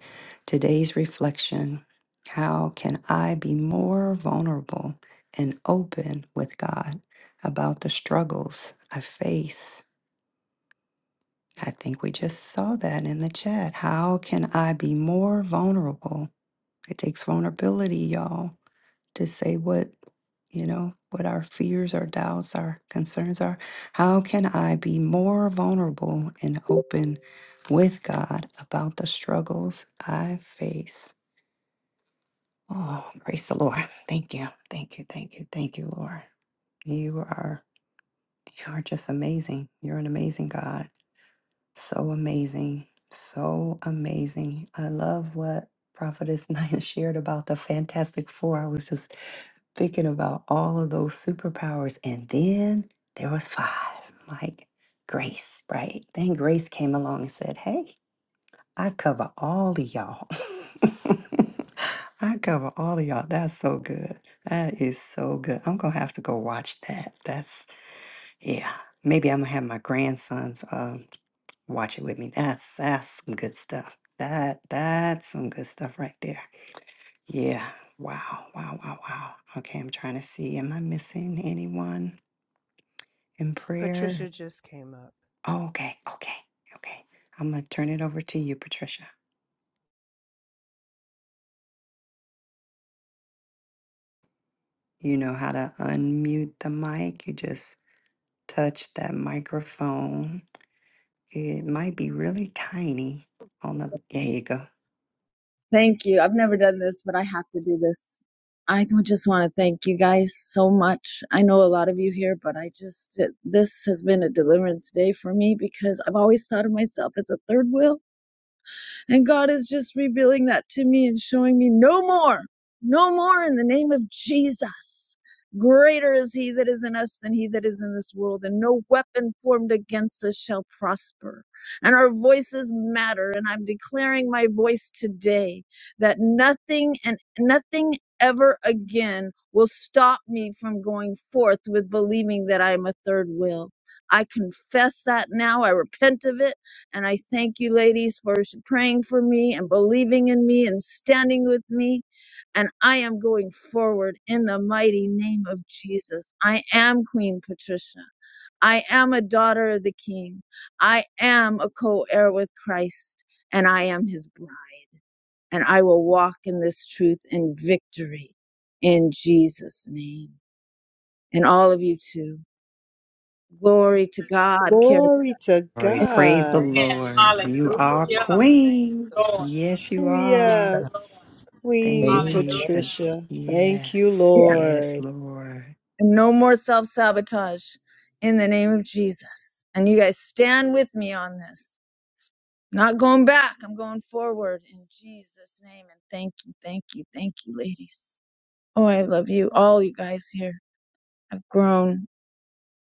Speaker 1: Today's reflection How can I be more vulnerable and open with God about the struggles I face? I think we just saw that in the chat. How can I be more vulnerable? It takes vulnerability, y'all to say what you know what our fears our doubts our concerns are how can i be more vulnerable and open with god about the struggles i face oh praise the lord thank you thank you thank you thank you lord you are you are just amazing you're an amazing god so amazing so amazing i love what prophetess nina shared about the fantastic four i was just thinking about all of those superpowers. And then there was five, like Grace, right? Then Grace came along and said, Hey, I cover all of y'all. I cover all of y'all. That's so good. That is so good. I'm gonna have to go watch that. That's yeah. Maybe I'm gonna have my grandsons um watch it with me. That's that's some good stuff. That that's some good stuff right there. Yeah. Wow. Wow. Wow. Wow. Okay. I'm trying to see. Am I missing anyone in prayer?
Speaker 4: Patricia just came up.
Speaker 1: Oh, okay. Okay. Okay. I'm going to turn it over to you, Patricia. You know how to unmute the mic. You just touch that microphone. It might be really tiny on the. There you go.
Speaker 6: Thank you. I've never done this, but I have to do this. I do- just want to thank you guys so much. I know a lot of you here, but I just, this has been a deliverance day for me because I've always thought of myself as a third wheel. And God is just revealing that to me and showing me no more, no more in the name of Jesus. Greater is he that is in us than he that is in this world, and no weapon formed against us shall prosper. And our voices matter, and I'm declaring my voice today that nothing and nothing ever again will stop me from going forth with believing that I am a third will. I confess that now. I repent of it. And I thank you, ladies, for praying for me and believing in me and standing with me. And I am going forward in the mighty name of Jesus. I am Queen Patricia. I am a daughter of the King. I am a co heir with Christ, and I am his bride. And I will walk in this truth in victory in Jesus' name. And all of you too. Glory to God. Karen.
Speaker 4: Glory to
Speaker 1: All right. Praise the
Speaker 4: God.
Speaker 5: Amen.
Speaker 1: Lord. You are
Speaker 5: Hallelujah.
Speaker 1: queen.
Speaker 5: Lord.
Speaker 1: Yes, you
Speaker 5: Yes,
Speaker 1: are.
Speaker 4: Hallelujah.
Speaker 1: Thank
Speaker 4: Queen
Speaker 1: you,
Speaker 2: Amen.
Speaker 5: Hallelujah.
Speaker 1: Jesus.
Speaker 4: Patricia. Thank you,
Speaker 1: Yes. Yes,
Speaker 4: Lord.
Speaker 1: Lord.
Speaker 6: and no more self sabotage in the name of Jesus. And you guys stand with me on this. Not going back, I'm going forward in Jesus' name. And thank you, thank you, thank you, ladies. Oh, I love you. All you guys here have grown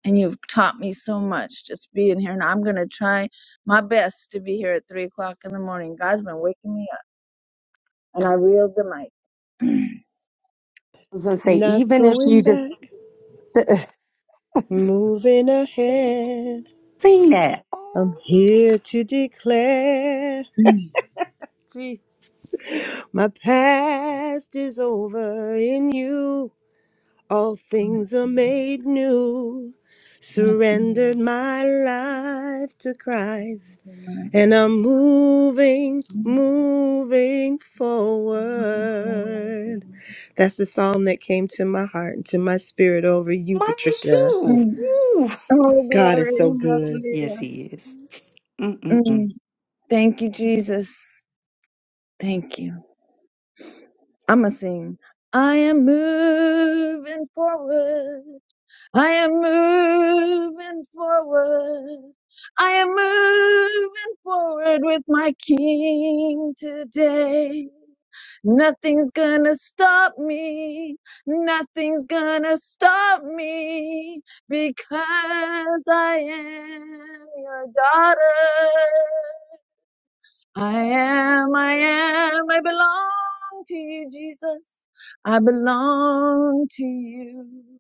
Speaker 6: and you've taught me so much just being here. And I'm going to try my best to be here at three o'clock in the morning. God's been waking me up and I reeled the mic.
Speaker 3: I was gonna say,
Speaker 4: Not
Speaker 3: even if you
Speaker 4: going
Speaker 3: just
Speaker 4: back. Moving ahead,
Speaker 1: Sing that.
Speaker 4: I'm
Speaker 1: Oh,
Speaker 4: here to declare.
Speaker 6: Mm.
Speaker 4: See, my past is over in you. All
Speaker 6: Yes,
Speaker 4: things are
Speaker 6: God.
Speaker 4: made new.
Speaker 6: Thank you.
Speaker 4: Surrendered my life to Christ, and I'm moving,
Speaker 6: Thank
Speaker 4: moving
Speaker 6: you, Lord.
Speaker 4: forward. That's the song that came to my heart and to my spirit over you,
Speaker 1: mine
Speaker 4: Patricia.
Speaker 1: too.
Speaker 6: Mm.
Speaker 1: Woo.
Speaker 6: Oh,
Speaker 4: God
Speaker 6: glory.
Speaker 4: is so good.
Speaker 1: Yes,
Speaker 6: Hallelujah.
Speaker 1: he is. Mm-mm-mm.
Speaker 6: Mm. Thank you, Jesus. Thank you. I'm going to sing. I am moving forward. I am moving forward. I am moving forward with my King today. Nothing's gonna stop me. Nothing's gonna stop me because I am your daughter. I am, I am, I belong to you, Jesus. I belong to you.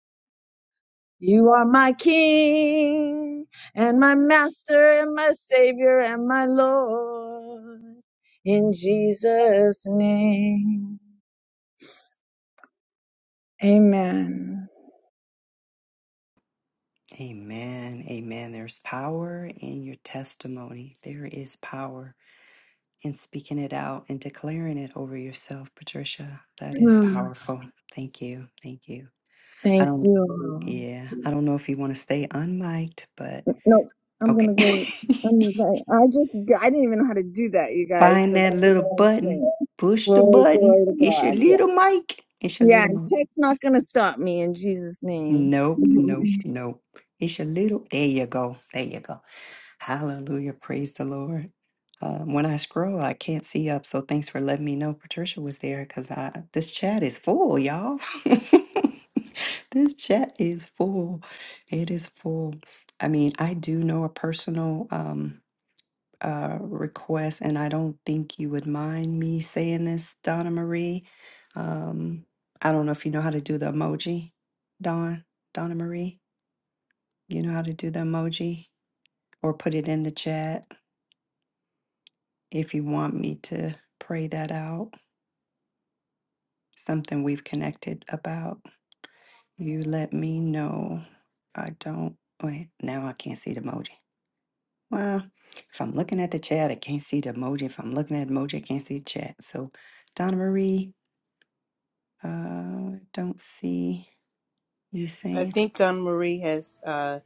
Speaker 6: You are my king and my master and my savior and my Lord. In Jesus' name, amen.
Speaker 1: Amen. Amen. There's power in your testimony. There is power in speaking it out and declaring it over yourself, Patricia. That is
Speaker 6: Mm,
Speaker 1: powerful. Thank you. Thank you. I
Speaker 6: Thank
Speaker 1: don't,
Speaker 6: you.
Speaker 1: yeah, I don't know if you want to stay unmiked, but
Speaker 6: No, I'm
Speaker 1: okay.
Speaker 6: gonna go. I'm like, I just, I didn't even know how to do that, you guys.
Speaker 1: Find
Speaker 6: So
Speaker 1: that
Speaker 6: that's
Speaker 1: little
Speaker 6: what I'm
Speaker 1: button.
Speaker 6: saying.
Speaker 1: Push the
Speaker 6: Glory,
Speaker 1: button.
Speaker 6: glory to
Speaker 1: It's your
Speaker 6: God. Yeah,
Speaker 1: little mic. It's your
Speaker 6: yeah.
Speaker 1: little
Speaker 6: And
Speaker 1: mic.
Speaker 6: tech's not gonna stop me in Jesus' name.
Speaker 1: Nope, nope, nope. It's your little. There you go. There you go. Hallelujah. Praise the Lord. Um, when I scroll, I can't see up. So thanks for letting me know Patricia was there because I this chat is full, y'all. this chat is full. It is full. I mean, I do know a personal. Um, uh, request, and I don't think you would mind me saying this, Donna Marie. Um, I don't know if you know how to do the emoji, Don, Donna Marie. You know how to do the emoji or put it in the chat if you want me to pray that out. Something we've connected about. You let me know. I don't. Wait, now I can't see the emoji. Well, if I'm looking at the chat, I can't see the emoji. If I'm looking at emoji, I can't see the chat. So, Donna Marie, Uh, don't see you
Speaker 4: I
Speaker 1: saying.
Speaker 4: think Dawn Marie has uh,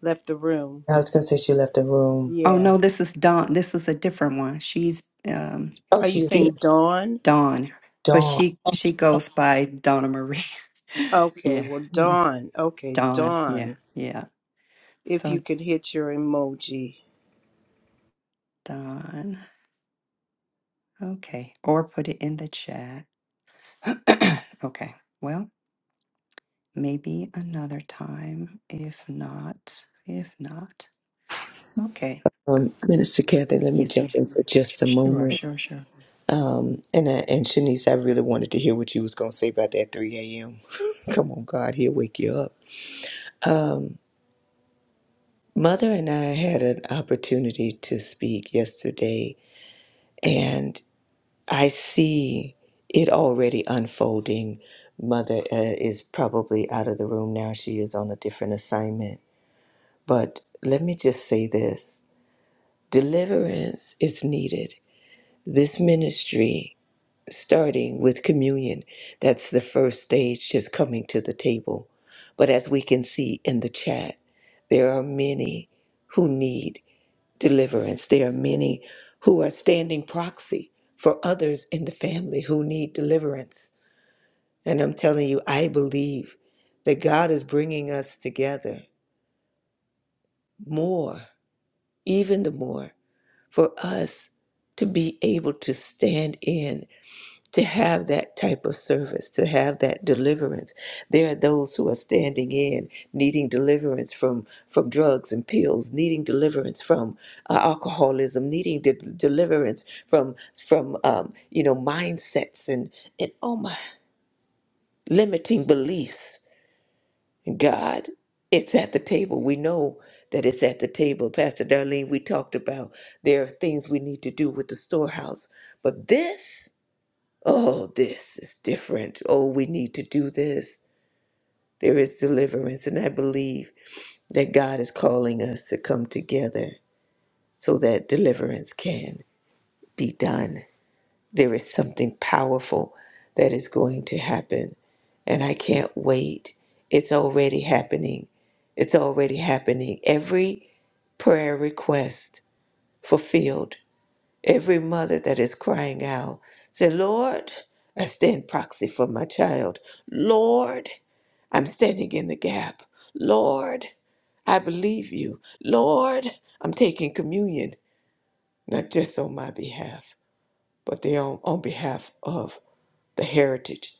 Speaker 4: left the room.
Speaker 2: I was going to say she left the room.
Speaker 1: Oh
Speaker 4: Yeah.
Speaker 1: no, this is Dawn. This is a different one. She's um
Speaker 2: oh
Speaker 4: Are you
Speaker 2: she is here
Speaker 4: saying
Speaker 1: Deep
Speaker 4: Dawn?
Speaker 1: Dawn, but
Speaker 2: Dawn,
Speaker 1: she she goes by Donna Marie.
Speaker 4: Okay,
Speaker 1: yeah,
Speaker 4: well,
Speaker 1: yeah,
Speaker 4: Dawn. Okay,
Speaker 1: Dawn. Yeah,
Speaker 4: Dawn.
Speaker 1: yeah.
Speaker 4: If you
Speaker 1: So
Speaker 4: could hit your emoji.
Speaker 1: Dawn. Okay, or put it in the chat. okay. Well, maybe another time. If not, if not, okay.
Speaker 2: um, Minister Kathy, let me
Speaker 1: Yes, ma'am.
Speaker 2: jump in for just a
Speaker 1: Sure,
Speaker 2: moment.
Speaker 1: sure, sure.
Speaker 2: And I, and Shanice, I really wanted to hear what you was gonna say about that 3 a.m. Come on, God, he'll wake you up. Mother and I had an opportunity to speak yesterday, and I see it already unfolding. Mother uh, is probably out of the room now; she is on a different assignment. But let me just say this: deliverance is needed. This ministry starting with communion. That's the first stage, just coming to the table. But as we can see in the chat, there are many who need deliverance. There are many who are standing proxy for others in the family who need deliverance. And I'm telling you, I believe that God is bringing us together more, even the more, for us to be able to stand in to have that type of service, to have that deliverance. There are those who are standing in, needing deliverance from, from drugs and pills, needing deliverance from uh, alcoholism, needing de- deliverance from from um, you know mindsets and and oh my limiting beliefs. God, it's at the table. We know that it's at the table. Pastor Darlene, we talked about there are things we need to do with the storehouse, but this oh, this is different. Oh, we need to do this. There is deliverance. And I believe that God is calling us to come together so that deliverance can be done. There is something powerful that is going to happen, and I can't wait. It's already happening. It's already happening. Every prayer request fulfilled Every mother that is crying out, say, Lord, I stand proxy for my child. Lord, I'm standing in the gap. Lord, I believe you. Lord, I'm taking communion, not just on my behalf, but they on, on behalf of the heritage,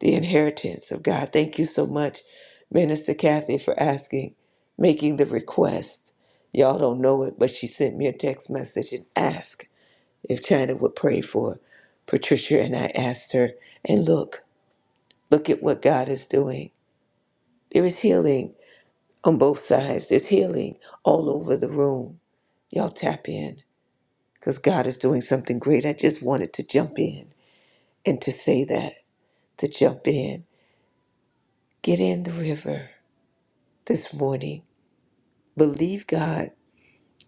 Speaker 2: the inheritance of God. Thank you so much, Minister Kathy, for asking, making the request. Y'all don't know it, but she sent me a text message and asked if China would pray for Patricia. And I asked her, and look, look at what God is doing. There is healing on both sides, there's healing all over the room. Y'all tap in because God is doing something great. I just wanted to jump in and to say that, to jump in. Get in the river this morning. Believe God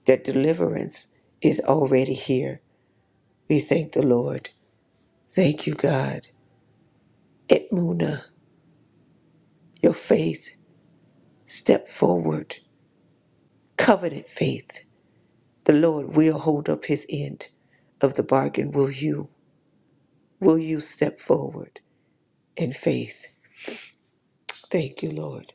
Speaker 2: that deliverance is already here. We thank the Lord. Thank you, God. Edmuna, your faith, step forward. Covenant faith, the Lord will hold up his end of the bargain. Will you? Will you step forward in faith? Thank you, Lord.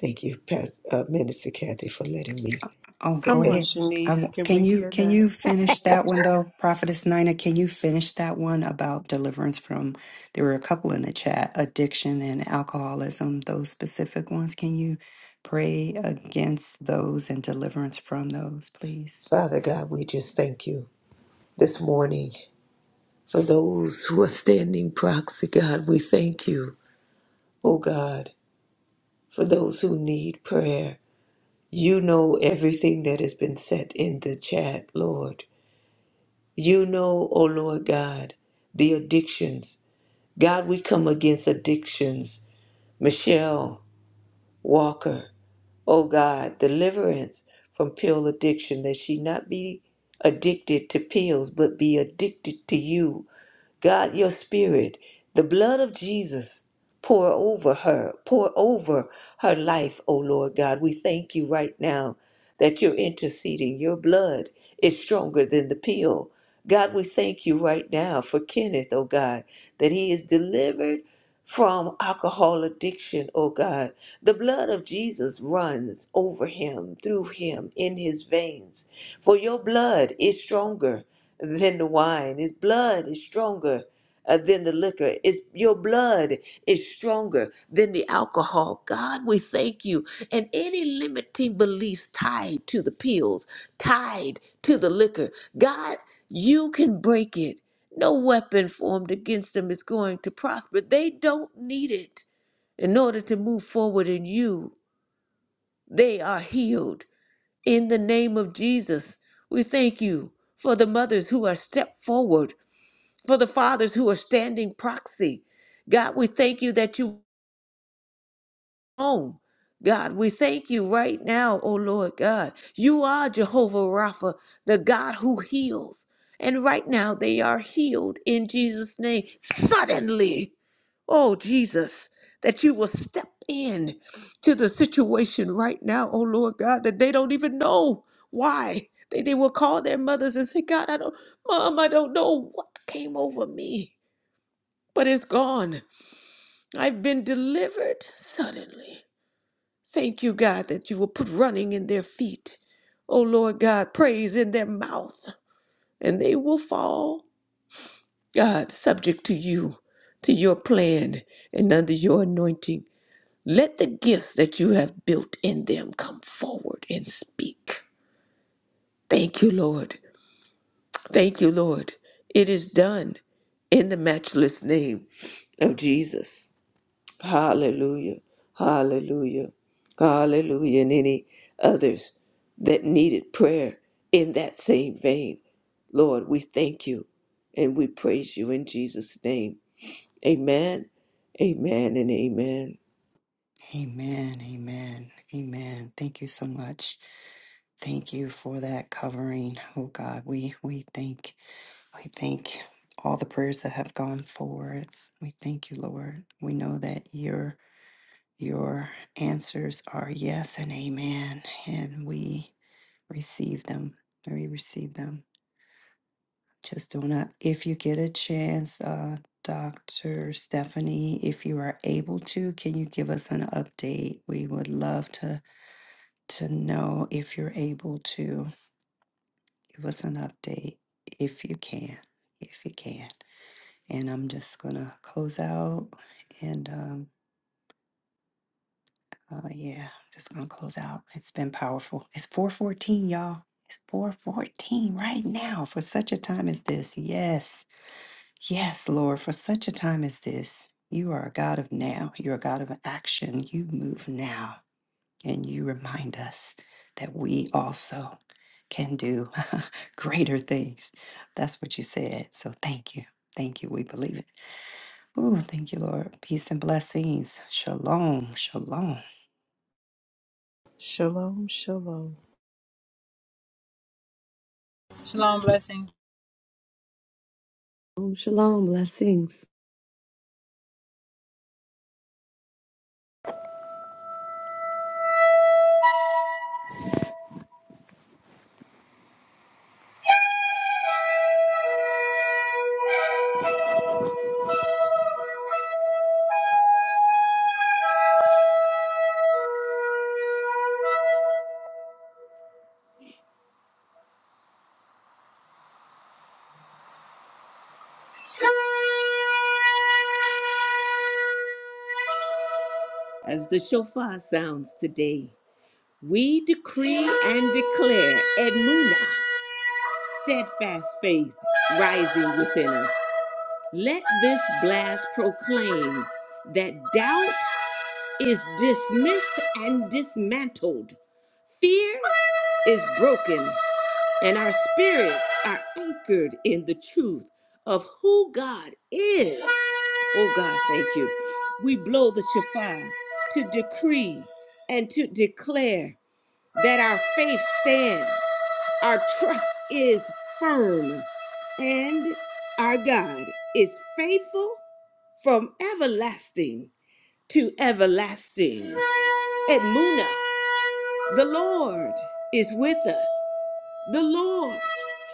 Speaker 2: Thank you, Pas- uh, Minister Kathy, for letting me.
Speaker 1: Oh, go
Speaker 4: Come on,
Speaker 1: ahead.
Speaker 4: Shanice.
Speaker 1: Um,
Speaker 4: Can
Speaker 1: can
Speaker 4: we
Speaker 1: you
Speaker 4: hear
Speaker 1: can
Speaker 4: that?
Speaker 1: you finish that one though, Prophetess Nina? Can you finish that one about deliverance from? There were a couple in the chat: addiction and alcoholism. Those specific ones. Can you pray against those and deliverance from those, please?
Speaker 2: Father God, we just thank you this morning for those who are standing proxy. God, we thank you, oh God, for those who need prayer. You know everything that has been said in the chat, Lord. You know, oh Lord God, the addictions God, we come against addictions. Michelle Walker, oh God, deliverance from pill addiction, that she not be addicted to pills, but be addicted to you God, your spirit, the blood of Jesus, pour over her, pour over her life, O Lord God. We thank you right now that you're interceding. Your blood is stronger than the pill. God, we thank you right now for Kenneth, oh God, that he is delivered from alcohol addiction, oh God. The blood of Jesus runs over him, through him, in his veins. For your blood is stronger than the wine. His blood is stronger uh, than the liquor. It's, your blood is stronger than the alcohol. God, we thank you. And any limiting beliefs tied to the pills, tied to the liquor, God, you can break it. No weapon formed against them is going to prosper. They don't need it in order to move forward in you. They are healed in the name of Jesus. We thank you for the mothers who are stepped forward for the fathers who are standing proxy. God, we thank you that you own. God, we thank you right now, oh Lord God. You are Jehovah Rapha, the God who heals. And right now they are healed in Jesus' name. Suddenly, oh Jesus, that you will step in to the situation right now, oh Lord God, that they don't even know why. They, they will call their mothers and say, God, I don't, Mom, I don't know what came over me but it's gone. I've been delivered suddenly. Thank you, God, that you will put running in their feet. Oh, Lord God, praise in their mouth, and they will fall, God, subject to you, to your plan, and under your anointing. Let the gifts that you have built in them come forward and speak. Thank you, Lord. Thank you, Lord. It is done in the matchless name of Jesus. Hallelujah. Hallelujah. Hallelujah. And any others that needed prayer in that same vein. Lord, we thank you and we praise you in Jesus' name. Amen. Amen and amen.
Speaker 1: Amen. Amen. Amen. Thank you so much. Thank you for that covering. Oh God, we we thank we thank all the prayers that have gone forward. We thank you, Lord. We know that you're Your answers are yes and amen, and we receive them. We receive them. Just don't up. If you get a chance, uh, Dr. Stephanie, if you are able to, can you give us an update? We would love to to know if you're able to give us an update if you can, if you can. And I'm just gonna close out, and um, Oh yeah, just gonna close out. It's been powerful. It's 414, y'all. It's 414 right now for such a time as this. Yes. Yes, Lord, for such a time as this. You are a God of now. You're a God of action. You move now. And you remind us that we also can do greater things. That's what you said. So thank you. Thank you. We believe it. Oh, thank you, Lord. Peace and blessings. Shalom. Shalom.
Speaker 4: Shalom, shalom.
Speaker 5: Shalom blessings.
Speaker 3: oh, shalom blessings.
Speaker 2: As the shofar sounds today, we decree and declare Edmuna, steadfast faith rising within us. Let this blast proclaim that doubt is dismissed and dismantled. Fear is broken, and our spirits are anchored in the truth of who God is. Oh, God, thank you. We blow the shofar to decree and to declare that our faith stands, our trust is firm, and our God is faithful from everlasting to everlasting. Edmuna The Lord is with us. The Lord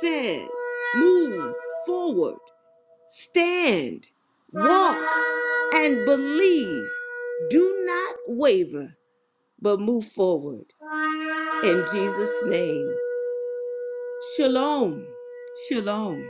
Speaker 2: says, Move forward, stand, walk, and believe. Do not waver, but move forward. In Jesus' name, Shalom. Shalom.